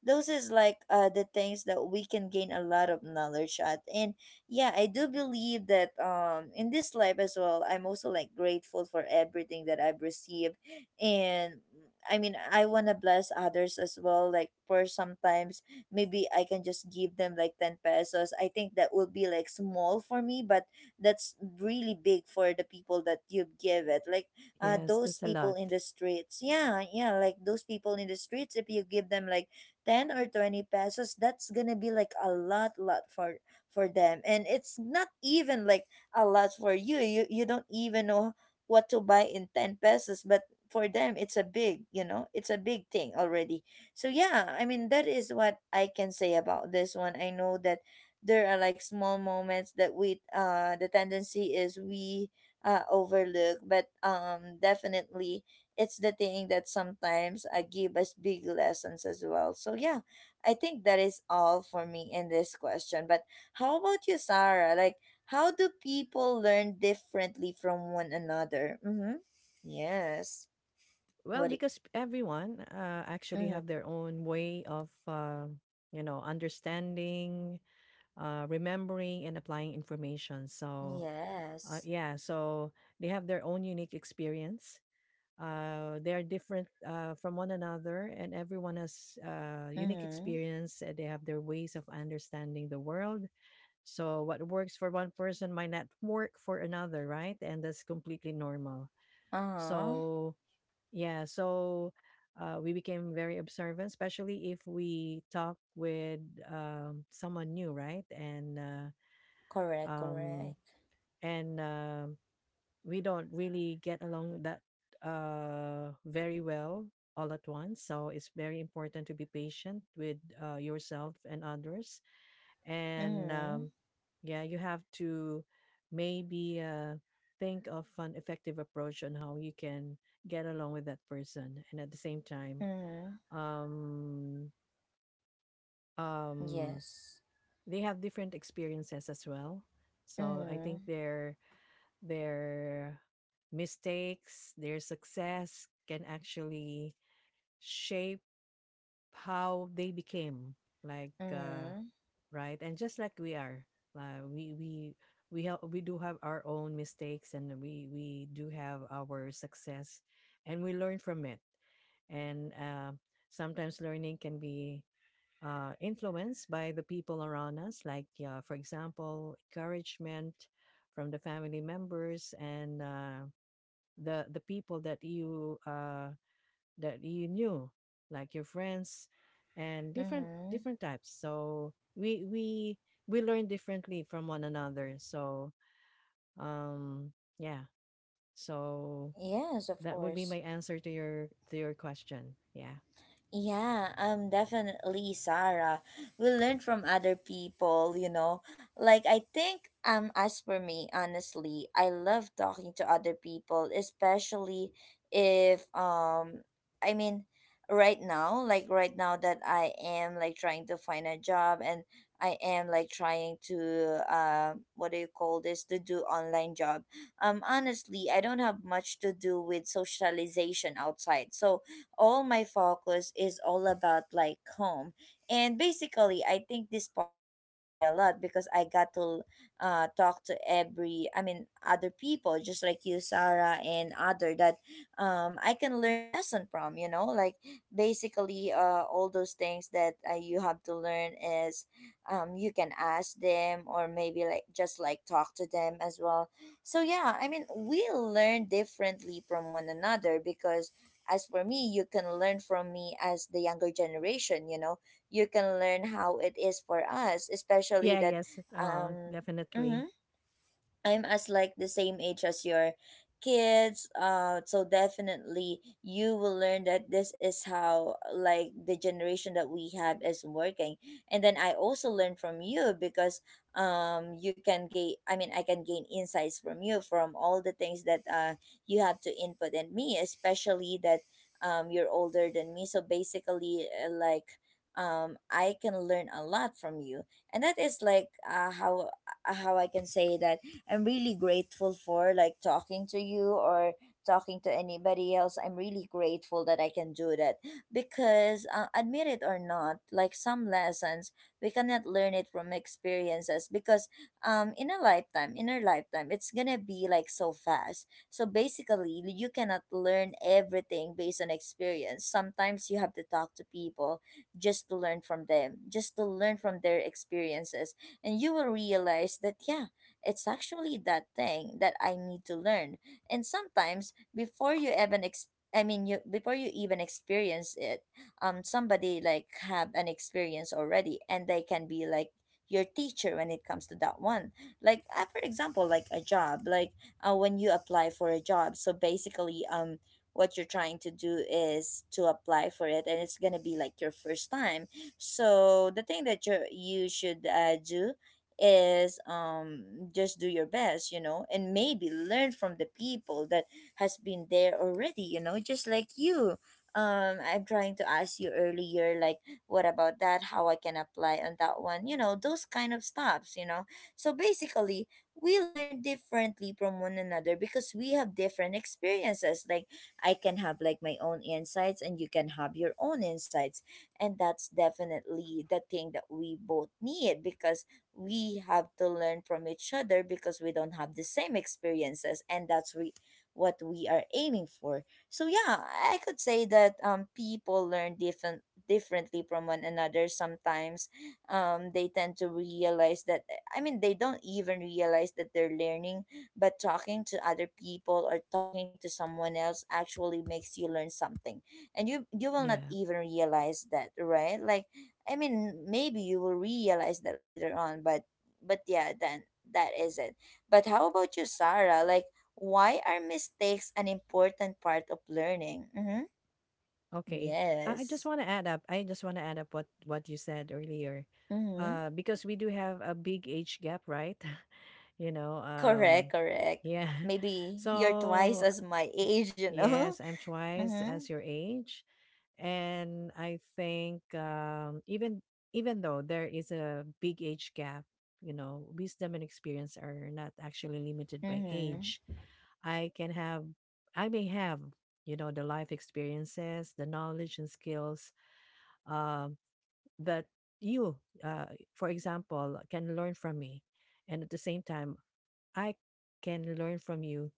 [SPEAKER 1] Those is like the things that we can gain a lot of knowledge at. And yeah, I do believe that in this life as well, I'm also like grateful for everything that I've received, and I mean, I wanna bless others as well. Like for sometimes, maybe I can just give them like 10 pesos. I think that will be like small for me, but that's really big for the people that you give it like
[SPEAKER 2] Yes,
[SPEAKER 1] those
[SPEAKER 2] that's a
[SPEAKER 1] people
[SPEAKER 2] lot.
[SPEAKER 1] in the streets, yeah, yeah, like those people in the streets, if you give them like 10 or 20 pesos, that's gonna be like a lot for them. And it's not even like a lot for you. You don't even know what to buy in 10 pesos, but for them it's a big, it's a big thing already. So yeah, I mean, that is what I can say about this one. I know that there are like small moments that we the tendency is we overlook, but definitely it's the thing that sometimes give us big lessons as well. So yeah, I think that is all for me in this question. But how about you, Sarah? Like, how do people learn differently from one another? Mm-hmm. Yes.
[SPEAKER 2] Well,
[SPEAKER 1] What it,
[SPEAKER 2] because everyone actually
[SPEAKER 1] mm-hmm.
[SPEAKER 2] have their own way of understanding, remembering and applying information. So,
[SPEAKER 1] Yes.
[SPEAKER 2] yeah, so they have their own unique experience. They are different from one another, and everyone has unique
[SPEAKER 1] Mm-hmm.
[SPEAKER 2] experience. And they have their ways of understanding the world. So what works for one person might not work for another, right? And that's completely normal.
[SPEAKER 1] Uh-huh.
[SPEAKER 2] So yeah, so we became very observant, especially if we talk with someone new, right? Uh,
[SPEAKER 1] Correct,
[SPEAKER 2] um,
[SPEAKER 1] correct.
[SPEAKER 2] and we don't really get along that very well all at once, so it's very important to be patient with yourself and others, and
[SPEAKER 1] Mm-hmm.
[SPEAKER 2] um, yeah, you have to maybe think of an effective approach on how you can get along with that person. And at the same time
[SPEAKER 1] Mm-hmm.
[SPEAKER 2] um um
[SPEAKER 1] Yes.
[SPEAKER 2] they have different experiences as well, so I think
[SPEAKER 1] Mm-hmm.
[SPEAKER 2] their mistakes, their success can actually shape how they became like uh,
[SPEAKER 1] Mm-hmm.
[SPEAKER 2] right. And just like we are, uh, we we we have, we do have our own mistakes, and we do have our success, and we learn from it. And sometimes learning can be influenced by the people around us, like for example, encouragement from the family members, and the people that you knew, like your friends, and different
[SPEAKER 1] Mm-hmm.
[SPEAKER 2] different types. So we learn differently from one another. So um yeah so
[SPEAKER 1] Yes, of
[SPEAKER 2] that would be my
[SPEAKER 1] course.
[SPEAKER 2] answer to your question. Yeah.
[SPEAKER 1] Yeah, definitely, Sarah. We learn from other people, you know. Like, I think, as for me, honestly, I love talking to other people, especially if, I mean, right now, like right now that I am like trying to find a job, and I am like trying to, what do you call this, to do online job. Honestly, I don't have much to do with socialization outside. So all my focus is all about like home. And basically, I think this podcast helps me a lot because I got to talk to every, I mean, other people, just like you, Sarah, and other that I can learn lesson from, you know. Like basically all those things that you have to learn is, you can ask them or maybe like just like talk to them as well. So yeah, I mean, we learn differently from one another because as for me, you can learn from me as the younger generation, you know. You can learn how it is for us, especially
[SPEAKER 2] Yeah,
[SPEAKER 1] that
[SPEAKER 2] yes,
[SPEAKER 1] um,
[SPEAKER 2] definitely.
[SPEAKER 1] mhm, I'm as like the same age as your kids. So definitely you will learn that this is how like the generation that we have is working. And then I also learn from you because you can gain. I can gain insights from you, from all the things that you have to input in me, especially that you're older than me. So basically, I can learn a lot from you. And that is like how I can say that I'm really grateful for like talking to you or talking to anybody else. I'm really grateful that I can do that because, admit it or not, like some lessons, we cannot learn it from experiences because, in a lifetime, in our lifetime, it's gonna be like so fast. So basically, you cannot learn everything based on experience. Sometimes you have to talk to people just to learn from them, just to learn from their experiences. And you will realize that, yeah, it's actually that thing that I need to learn. And sometimes before you even I mean, you before you even experience it, somebody like have an experience already and they can be like your teacher when it comes to that one. Like for example, like a job, like when you apply for a job. So basically, what you're trying to do is to apply for it, and it's going to be like your first time. So the thing that you should do is just do your best, you know, and maybe learn from the people that has been there already, you know, just like you. Um, I'm trying to ask you earlier, like, what about that, how I can apply on that one, you know, those kind of stops, you know. So basically, we learn differently from one another because we have different experiences. Like I can have like my own insights and you can have your own insights, and that's definitely the thing that we both need because we have to learn from each other because we don't have the same experiences, and that's we what we are aiming for. So yeah, I could say that people learn differently from one another. Sometimes they tend to realize that, I mean, they don't even realize that they're learning, but talking to other people or talking to someone else actually makes you learn something, and you will not
[SPEAKER 2] Yeah.
[SPEAKER 1] even realize that, right? Like, I mean, maybe you will realize that later on, but yeah, then that is it. But how about you, Sarah? Like, why are mistakes an important part of learning? Mm-hmm.
[SPEAKER 2] Okay. I just
[SPEAKER 1] Yes.
[SPEAKER 2] want to add up. I just want to add up what you said earlier.
[SPEAKER 1] Mm-hmm.
[SPEAKER 2] Because we do have a big age gap, right? (laughs) You know,
[SPEAKER 1] Correct, correct.
[SPEAKER 2] yeah. (laughs)
[SPEAKER 1] Maybe you're twice
[SPEAKER 2] So,
[SPEAKER 1] as my age, you know? (laughs)
[SPEAKER 2] yes, I'm twice
[SPEAKER 1] Mm-hmm.
[SPEAKER 2] as your age, and I think even even though there is a big age gap, you know, wisdom and experience are not actually limited by age.
[SPEAKER 1] Mm-hmm.
[SPEAKER 2] I can have, I may have, you know, the life experiences, the knowledge and skills, um, that you, uh, for example, can learn from me. And at the same time, I can learn from you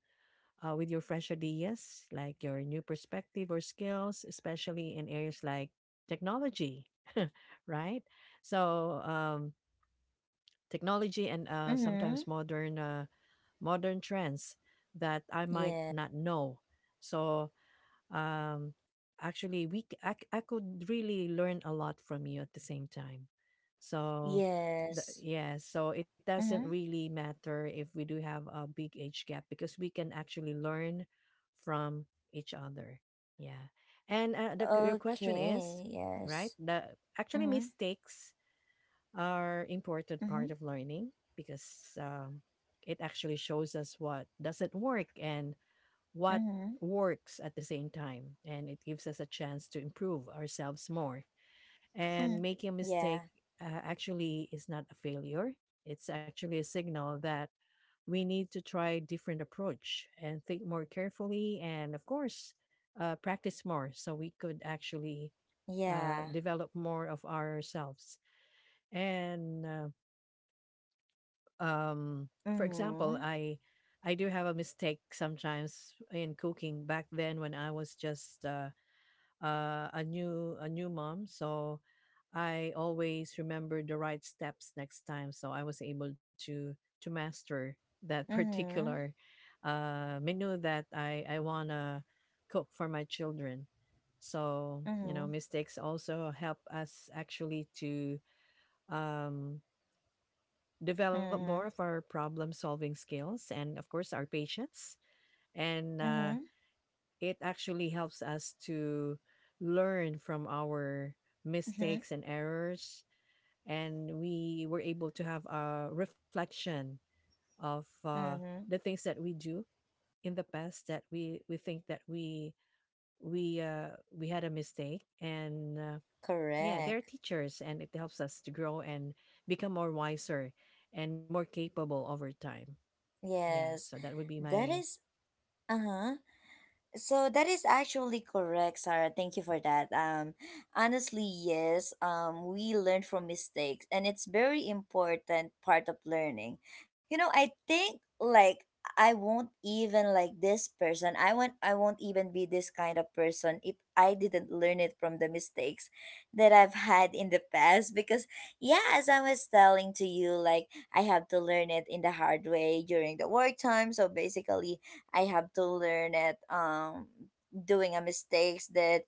[SPEAKER 2] with your fresh ideas, like your new perspective or skills, especially in areas like technology, (laughs) right? So technology, and uh, sometimes
[SPEAKER 1] Mm-hmm.
[SPEAKER 2] modern uh, modern trends that I might
[SPEAKER 1] Yeah.
[SPEAKER 2] not know. So um actually we c- I could really learn a lot from you at the same time. so the,
[SPEAKER 1] Yes.
[SPEAKER 2] yeah so it doesn't
[SPEAKER 1] Mm-hmm.
[SPEAKER 2] really matter if we do have a big age gap, because we can actually learn from each other. Yeah. And your question
[SPEAKER 1] Okay,
[SPEAKER 2] is
[SPEAKER 1] yes.
[SPEAKER 2] right. The actually
[SPEAKER 1] Mm-hmm.
[SPEAKER 2] mistakes are important
[SPEAKER 1] Mm-hmm.
[SPEAKER 2] part of learning, because it actually shows us what doesn't work and what
[SPEAKER 1] Mm-hmm.
[SPEAKER 2] works at the same time, and it gives us a chance to improve ourselves more. And
[SPEAKER 1] Hmm.
[SPEAKER 2] making a mistake,
[SPEAKER 1] Yeah.
[SPEAKER 2] actually is not a failure. It's actually a signal that we need to try different approach and think more carefully, and of course practice more, so we could actually
[SPEAKER 1] Yeah.
[SPEAKER 2] develop more of ourselves. And um for example,
[SPEAKER 1] Mhm,
[SPEAKER 2] I do have a mistake sometimes in cooking back then when I was just a new mom. So I always remember the right steps next time, so I was able to master that (laughs)
[SPEAKER 1] mhm,
[SPEAKER 2] particular menu that I want to cook for my children. So you know,
[SPEAKER 1] mhm,
[SPEAKER 2] mistakes also help us actually to um develop more of
[SPEAKER 1] mhm,
[SPEAKER 2] our problem solving skills, and of course our patience. And
[SPEAKER 1] mhm,
[SPEAKER 2] It actually helps us to learn from our
[SPEAKER 1] mhm,
[SPEAKER 2] mistakes and errors, and we were able to have a reflection of
[SPEAKER 1] mhm.
[SPEAKER 2] the things that we do in the past, that we think that we we had a mistake. And yeah, they're
[SPEAKER 1] Correct.
[SPEAKER 2] teachers, and it helps us to grow and become more wiser and more capable over time. Yeah, so
[SPEAKER 1] Yes.
[SPEAKER 2] that would be
[SPEAKER 1] That
[SPEAKER 2] my.
[SPEAKER 1] is, uh-huh. So that is actually correct, Sarah. Thank you for that. Honestly, yes. We learn from mistakes, and it's very important part of learning. You know, I think like I won't even like this person. I won't. I won't even be this kind of person if I didn't learn it from the mistakes that I've had in the past. Because yeah, as I was telling to you, like I have to learn it in the hard way during the work time. So basically I have to learn it doing a mistakes that,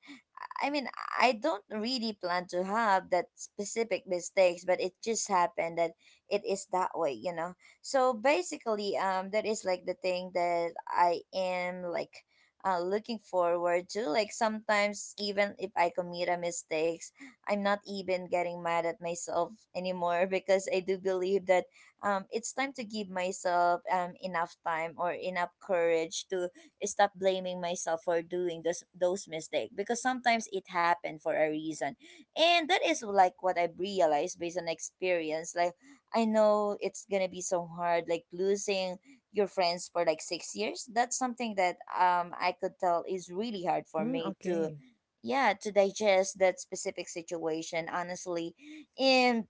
[SPEAKER 1] I mean, I don't really plan to have that specific mistakes, but it just happened that it is that way, you know. So basically, that is like the thing that I am like looking forward to. Like sometimes, even if I commit a mistakes, I'm not even getting mad at myself anymore because I do believe that it's time to give myself enough time or enough courage to stop blaming myself for doing this, those mistakes because sometimes it happened for a reason. And that is like what I've realized based on experience. Like, I know it's gonna be so hard, like losing your friends for like 6 years. That's something that I could tell is really hard for
[SPEAKER 2] Mm,
[SPEAKER 1] me to
[SPEAKER 2] okay.
[SPEAKER 1] yeah, to digest that specific situation, honestly. And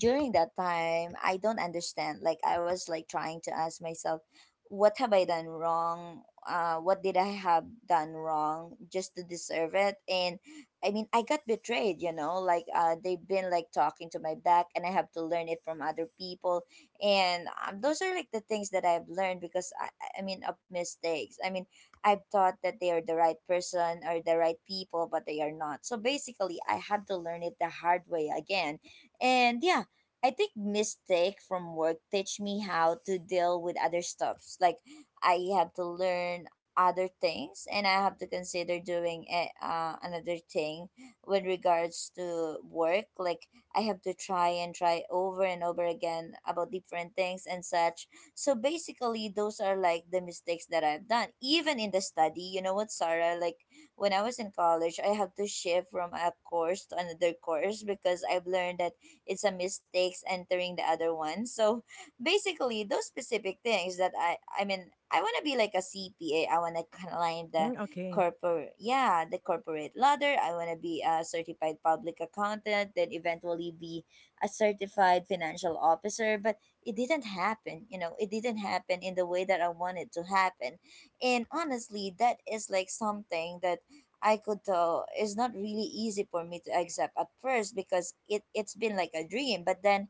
[SPEAKER 1] during that time I don't understand, like I was like trying to ask myself what have I done wrong, what did I have done wrong just to deserve it. And I mean, I got betrayed, you know, like they've been like talking to my back and I have to learn it from other people. And those are like the things that I've learned because I I mean of mistakes, I mean, I've thought that they are the right person or the right people, but they are not. So basically I had to learn it the hard way again. And yeah, I think mistake from work teach me how to deal with other stuffs. Like I have to learn other things and I have to consider doing a, another thing with regards to work. Like I have to try and try over and over again about different things and such. So basically those are like the mistakes that I've done. Even in the study, you know what, Sarah, like when I was in college, I have to shift from a course to another course because I've learned that it's a mistakes entering the other one. So basically, those specific things that. I want to be like a CPA. I want to climb the
[SPEAKER 2] Mm, okay.
[SPEAKER 1] corporate yeah the corporate ladder. I want to be a certified public accountant, then eventually be a certified financial officer. But it didn't happen. You know, it didn't happen in the way that I wanted to happen. And honestly, that is like something that I could tell is not really easy for me to accept at first because it's been like a dream. But then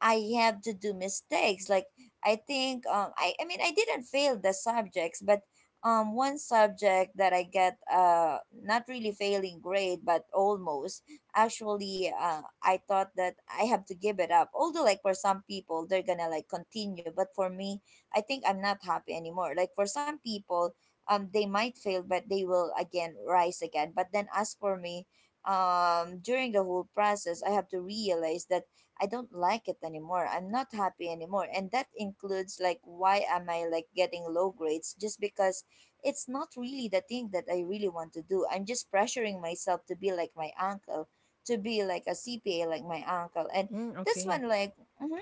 [SPEAKER 1] I have to do mistakes. Like I think I didn't fail the subjects, but one subject that I get not really failing grade but almost, actually I thought that I have to give it up. Although like for some people they're gonna like continue, but for me I think I'm not happy anymore. Like for some people they might fail but they will again rise again. But then as for me, during the whole process I have to realize that I don't like it anymore. I'm not happy anymore. And that includes like why am I like getting low grades just because it's not really the thing that I really want to do. I'm just pressuring myself to be like my uncle, to be like a CPA like my uncle. And
[SPEAKER 2] Mm,
[SPEAKER 1] this
[SPEAKER 2] okay.
[SPEAKER 1] one like mhm,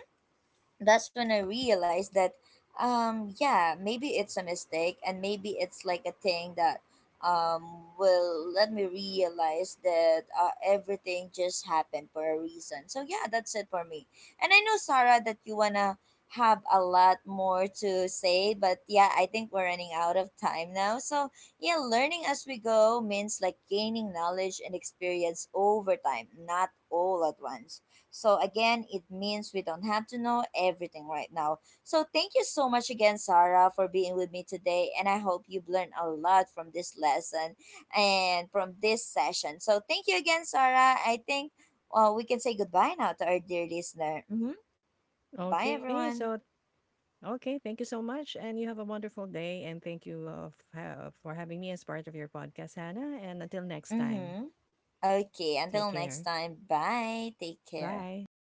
[SPEAKER 1] that's when I realized that, yeah, maybe it's a mistake, and maybe it's like a thing that, will let me realize that everything just happened for a reason. So yeah, that's it for me. And I know, Sarah, that you wanna have a lot more to say, but yeah, I think we're running out of time now. So yeah, learning as we go means like gaining knowledge and experience over time, not all at once. So again, it means we don't have to know everything right now. So thank you so much again, Sarah, for being with me today. And I hope you've learned a lot from this lesson and from this session. So thank you again, Sarah. I think we can say goodbye now to our dear listener. Mm-hmm. Bye,
[SPEAKER 2] Okay. So,
[SPEAKER 1] everyone.
[SPEAKER 2] okay. Thank you so much. And you have a wonderful day. And thank you for having me as part of your podcast, Hannah. And until next time,
[SPEAKER 1] Mm-hmm. Okay,
[SPEAKER 2] take
[SPEAKER 1] until next
[SPEAKER 2] care.
[SPEAKER 1] time. Bye. Take care.
[SPEAKER 2] Bye.